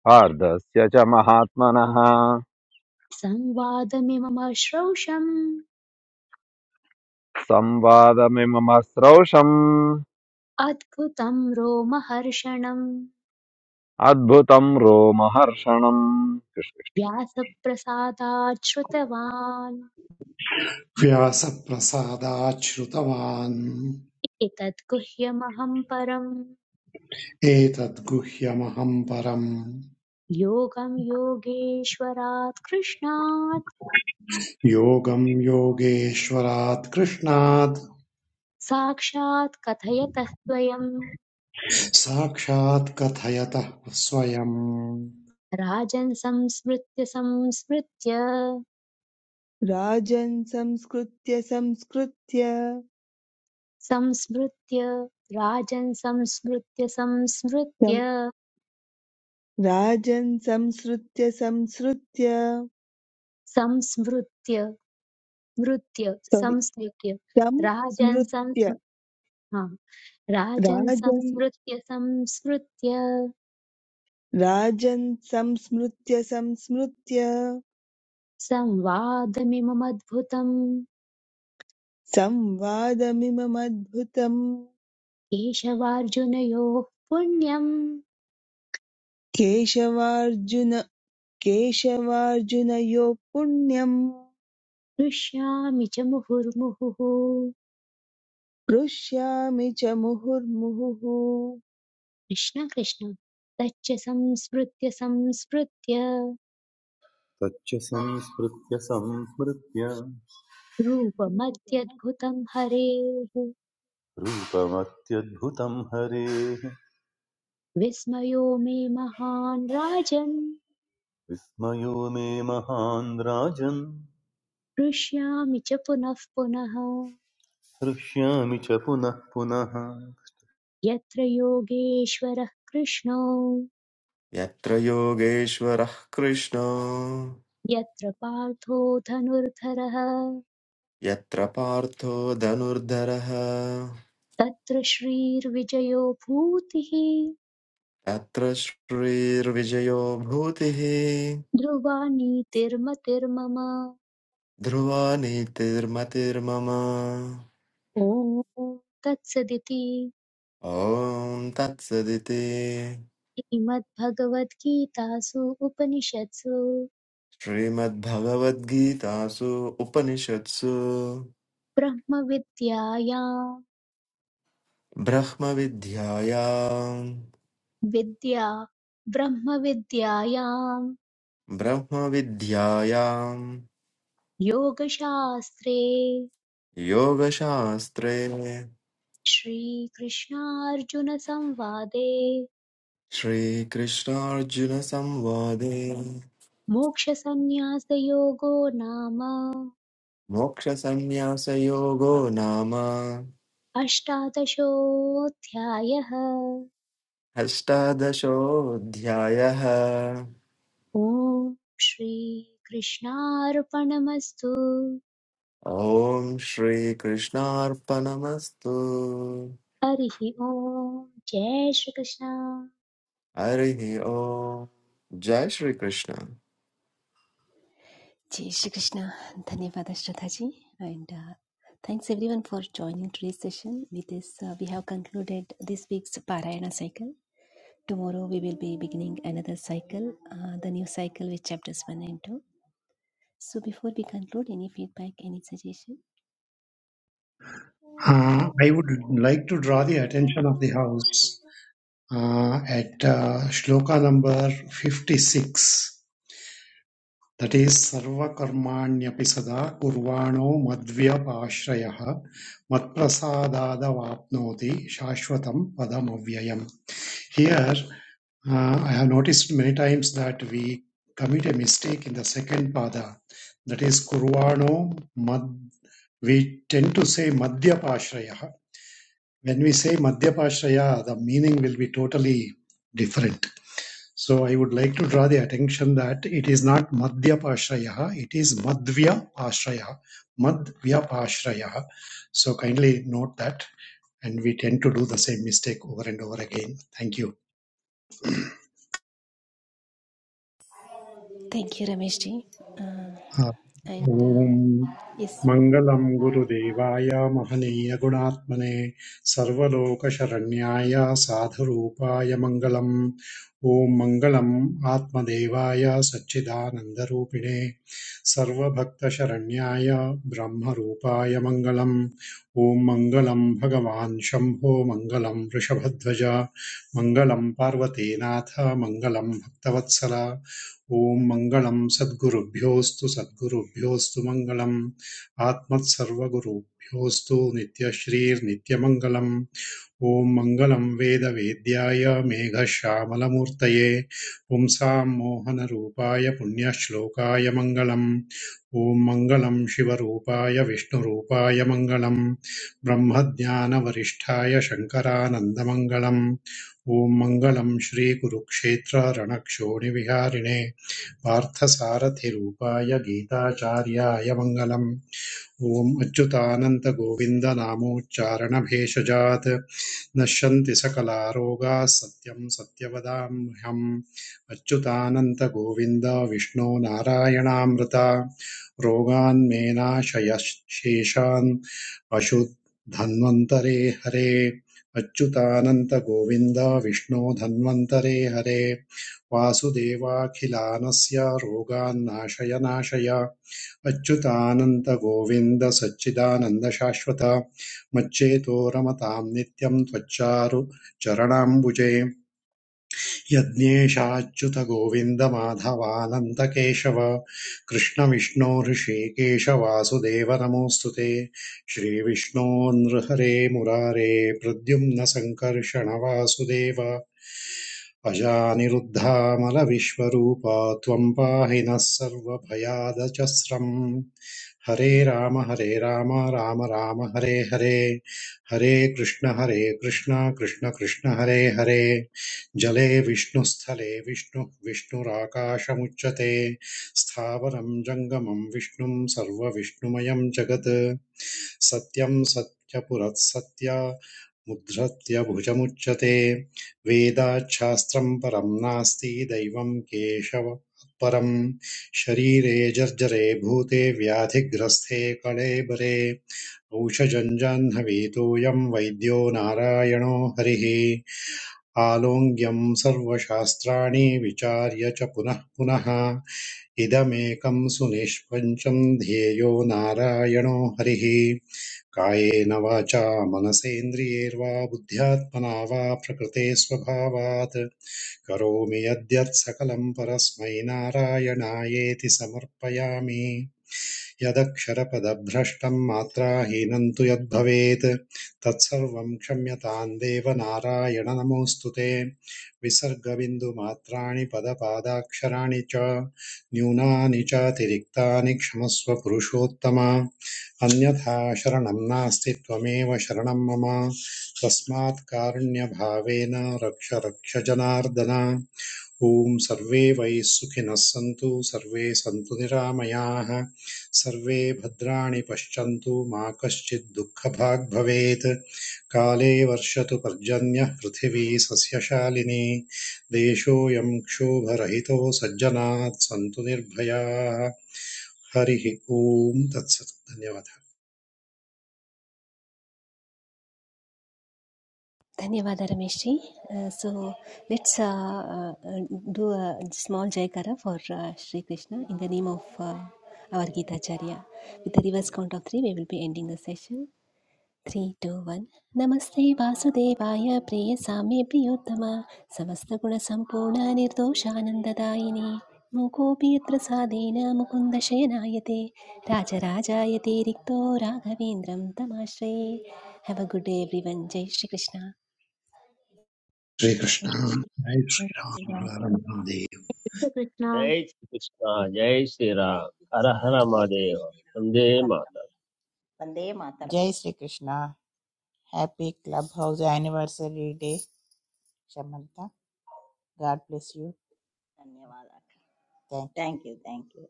[SPEAKER 8] पार्धस्य च महात्मनः
[SPEAKER 1] संवादमिममश्रौषम्
[SPEAKER 8] संवादमिमम श्रौषम्
[SPEAKER 1] अद्भुतं रोमहर्षणम्
[SPEAKER 8] अद्भुतं रोमहर्षणम्
[SPEAKER 1] व्यासप्रसादात् श्रुतवान्
[SPEAKER 2] व्यासप्रसादाच्छ्रुतवान्
[SPEAKER 1] एतत् गुह्यमहं परं
[SPEAKER 2] एतद्गुह्यमहम् परम्
[SPEAKER 1] योगं योगेश्वरात् कृष्णात्
[SPEAKER 2] योगं योगेश्वरात् कृष्णात्
[SPEAKER 1] साक्षात् कथयतः स्वयं
[SPEAKER 2] साक्षात् कथयतः स्वयम्
[SPEAKER 1] राजन् संस्मृत्य संस्मृत्य
[SPEAKER 9] राजन् संस्कृत्य संस्कृत्य
[SPEAKER 1] संस्मृत्य राजन् संस्मृत्य संस्मृत्य
[SPEAKER 9] सं- राजन् संसृत्य संसृत्य
[SPEAKER 1] संस्मृत्य मृत्य संस्मृत्य
[SPEAKER 9] तं
[SPEAKER 1] राजन्
[SPEAKER 9] स्मृत्य
[SPEAKER 1] संस्म हा राजन्
[SPEAKER 9] राजन्
[SPEAKER 1] संस्मृत्य संस्मृत्य
[SPEAKER 9] राजन् संस्मृत्य संस्मृत्य
[SPEAKER 1] संवादमिममद्भुतम्
[SPEAKER 9] संवादमिममद्भुतम्
[SPEAKER 1] केशवार्जुनयोः पुण्यम्
[SPEAKER 9] केशवार्जुन केशवार्जुनयोः पुण्यम्
[SPEAKER 1] हृष्यामि च मुहुर्मुहुः
[SPEAKER 9] हृष्यामि च मुहुर्मुहुः
[SPEAKER 1] कृष्ण कृष्ण तच्च संस्मृत्य संस्मृत्य
[SPEAKER 10] तच्च संस्मृत्य संस्मृत्य
[SPEAKER 1] रूपमत्यद्भुतं हरेः
[SPEAKER 10] रूपमत्यद्भुतं हरेः
[SPEAKER 1] विस्मयो मे महान् राजन्
[SPEAKER 10] विस्मयो मे महान् राजन्
[SPEAKER 1] हृष्यामि च पुनः पुनः
[SPEAKER 10] हृष्यामि च पुनः पुनः
[SPEAKER 1] यत्र योगेश्वरः कृष्णो
[SPEAKER 11] यत्र योगेश्वरः कृष्णो
[SPEAKER 1] यत्र पार्थो धनुर्धरः
[SPEAKER 11] यत्र पार्थो धनुर्धरः
[SPEAKER 1] तत्र श्रीर्विजयो भूतिः
[SPEAKER 11] तत्र श्रीर्विजयो भूतिः
[SPEAKER 1] ध्रुवा नीतिर्मतिर्मम
[SPEAKER 11] ध्रुवा नीतिर्मतिर्मम
[SPEAKER 1] ॐ तत्सदिति
[SPEAKER 11] ॐ तत्सदिति
[SPEAKER 1] श्रीमद्भगवद्गीतासु उपनिषत्सु
[SPEAKER 11] श्रीमद्भगवद्गीतासु उपनिषत्सु
[SPEAKER 1] ब्रह्मविद्यायां
[SPEAKER 11] ब्रह्मविद्यायाम्
[SPEAKER 1] विद्या ब्रह्मविद्यायां
[SPEAKER 11] ब्रह्मविद्यायाम्
[SPEAKER 1] योगशास्त्रे
[SPEAKER 11] योगशास्त्रे
[SPEAKER 1] श्रीकृष्णार्जुनसंवादे
[SPEAKER 11] श्रीकृष्णार्जुनसंवादे
[SPEAKER 1] मोक्षसंन्यासयोगो नाम
[SPEAKER 11] मोक्षसंन्यासयोगो नाम
[SPEAKER 1] अष्टादशोऽध्यायः
[SPEAKER 11] अष्टादशोऽध्यायः
[SPEAKER 1] ॐ श्रीकृष्णार्पणमस्तु
[SPEAKER 11] ॐ श्रीकृष्णार्पणमस्तु
[SPEAKER 1] हरिः ॐ जय श्रीकृष्ण
[SPEAKER 11] हरिः ॐ जय श्रीकृष्ण
[SPEAKER 3] जय श्री कृष्ण धन्यवाद श्रद्धा जी and uh, thanks everyone for joining today's session with this uh, we have concluded this week's parayana cycle tomorrow we will be beginning another cycle uh, the new cycle with chapters 1 and 2 so before we conclude any feedback any suggestion
[SPEAKER 2] Uh, I would like to draw the attention of the House uh, at uh, shloka number 56. That is Sarvakarmanyaphi sada kurvano madvyapashrayah matprasadadavapnoti shashvatam padamavyayam. Here Uh, I have noticed many times that we commit a mistake in the second pada, that is kurvano mad. We tend to say madhyapashraya. When we say madhyapashraya, the meaning will be totally different. So I would like to draw the attention that it is not madhyapashraya, it is madhyapashraya, madhyapashraya. So kindly note that, and we tend to do the same mistake over and over again. Thank you.
[SPEAKER 3] thank you ramesh ji uh, and uh,
[SPEAKER 2] Om
[SPEAKER 3] yes
[SPEAKER 2] मङ्गलं गुरुदेवाय महनीयगुणात्मने सर्वलोकशरण्याय साधुरूपाय मङ्गलम् ॐ मङ्गलम् आत्मदेवाय सच्चिदानन्दरूपिणे सर्वभक्तशरण्याय ब्रह्मरूपाय मङ्गलम् ॐ मङ्गलं भगवान् शम्भो मङ्गलं वृषभध्वज मङ्गलं पार्वतीनाथ मङ्गलं भक्तवत्सल ॐ मङ्गलं सद्गुरुभ्योऽस्तु सद्गुरुभ्योऽस्तु मङ्गलम् आत्मत्सर्वगुरुभ्योऽस्तु नित्यश्रीर्नित्यमङ्गलम् ॐ मङ्गलं वेदवेद्याय मेघश्यामलमूर्तये पुंसां मोहनरूपाय पुण्यश्लोकाय मङ्गलम् ॐ मङ्गलं शिवरूपाय विष्णुरूपाय मङ्गलं ब्रह्मज्ञानवरिष्ठाय शङ्करानन्दमङ्गलम् ॐ मङ्गलं श्रीकुरुक्षेत्ररणक्षोणिविहारिणे पार्थसारथिरूपाय गीताचार्याय मङ्गलम् ॐ अच्युतानन्दगोविन्दनामोच्चारणभेषजात् नश्यन्ति सकलारोगाः सत्यं सत्यवदाम्यहम् अच्युतानन्दगोविन्द विष्णो नारायणामृता रोगान्मे नाशय शेषान् अशुद्धन्वन्तरे हरे अच्युतानंद गोविंद विष्णो धन्वन्तरे हरे वासुदेवाखिलानस्य रोगान्नाशय नाशय नाशय अच्युतानन्तगोविन्द सच्चिदानन्द शाश्वत मच्चेतो रमतां नित्यं त्वच्चारु चरणाम्बुजे यज्ञेशाच्युतगोविन्द माधवानन्दकेशव कृष्णविष्णो हृषीकेश वासुदेव नमोऽस्तु ते श्रीविष्णो नृहरे मुरारे प्रद्युम्न सङ्कर्षण वासुदेव अजानिरुद्धामलविश्वरूपा त्वं पाहि नः सर्वभयादचस्रम् हरे राम हरे राम राम राम हरे हरे हरे कृष्ण हरे कृष्ण कृष्ण कृष्ण हरे हरे जले विष्णुस्थले विष्णु विष्णुराकाशमुच्यते स्थावरं जङ्गमं विष्णुं सर्वविष्णुमयं जगत् सत्यं सत्यपुरःसत्या मुद्धृत्य भुजमुच्यते वेदाच्छास्त्रं परं नास्ति दैवं केशवात्परं शरीरे जर्जरे भूते व्याधिग्रस्थे कळेबरे औषधं जाह्नवीतोऽयं वैद्यो नारायणो हरिः आलोङ्ग्यं सर्वशास्त्राणि विचार्य च पुनः पुनः इदमेकं सुनिष्पञ्चं ध्येयो नारायणो हरिः कायेन वाचा मनसेन्द्रियैर्वा बुद्ध्यात्मना वा प्रकृते स्वभावात् करोमि यद्यत् सकलं परस्मै नारायणायेति समर्पयामि यदक्षरपदभ्रष्टं मात्राहीनं तु यद्भवेत् तत्सर्वं क्षम्यतां देव नारायण नमोऽस्तु ते विसर्गबिन्दुमात्राणि पदपादाक्षराणि च न्यूनानि चातिरिक्तानि क्षमस्व पुरुषोत्तम अन्यथा शरणं नास्ति त्वमेव शरणं मम तस्मात् कारुण्यभावेन रक्ष रक्ष जनार्दन ॐ सर्वे वै सुखिनः सन्तु सर्वे सन्तु निरामयाः सर्वे भद्राणि पश्यन्तु मा कश्चित् दुःखभाग् भवेत् काले वर्षतु पर्जन्यः पृथिवी सस्यशालिनी देशोऽयं क्षोभरहितो सज्जनात् सन्तु निर्भयाः हरिः ॐ तत्सत् धन्यवादः
[SPEAKER 3] Dhanyavad Rameshji. Uh, so let's uh, uh, do a small Jaikara for uh, Sri Krishna in the name of uh, our Gita Acharya. With the reverse count of three, we will be ending the session. Three, three two one नमस्ते वासुदेवाय प्रिय साम्ये प्रियोत्तम समस्तगुणसम्पूर्ण निर्दोषानन्ददायिनि मुकोऽपि यत्र साधेन Raja Rajayate Rikto राघवेन्द्रं तमाश्रये Have a good day everyone. Jai Shri Krishna.
[SPEAKER 2] Shri Krishna जय श्रीराम हर हर महादेव।
[SPEAKER 1] श्रीकृष्ण
[SPEAKER 7] जय श्रीकृष्ण जय
[SPEAKER 6] जय
[SPEAKER 7] श्रीराम हर
[SPEAKER 6] श्रीकृष्ण
[SPEAKER 7] हर
[SPEAKER 5] जय
[SPEAKER 6] जय
[SPEAKER 7] महादेव
[SPEAKER 6] श्रीराम
[SPEAKER 7] वन्दे
[SPEAKER 6] हर हर
[SPEAKER 7] मातरम्
[SPEAKER 6] वन्दे मातरम्
[SPEAKER 5] जय Shri Krishna happy Clubhouse anniversary day Samantha God bless you
[SPEAKER 6] धन्यवादाः
[SPEAKER 5] thank you
[SPEAKER 6] thank you thank you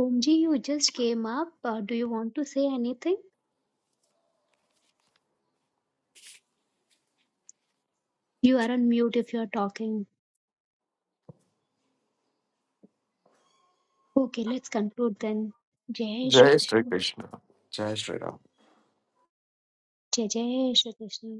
[SPEAKER 1] Om ji you just came up do you want to say anything you are on mute if you are talking okay let's conclude then जय
[SPEAKER 11] जय
[SPEAKER 1] श्रीकृष्ण
[SPEAKER 11] श्रीकृष्ण जय श्रीराम
[SPEAKER 1] जय जय श्रीकृष्ण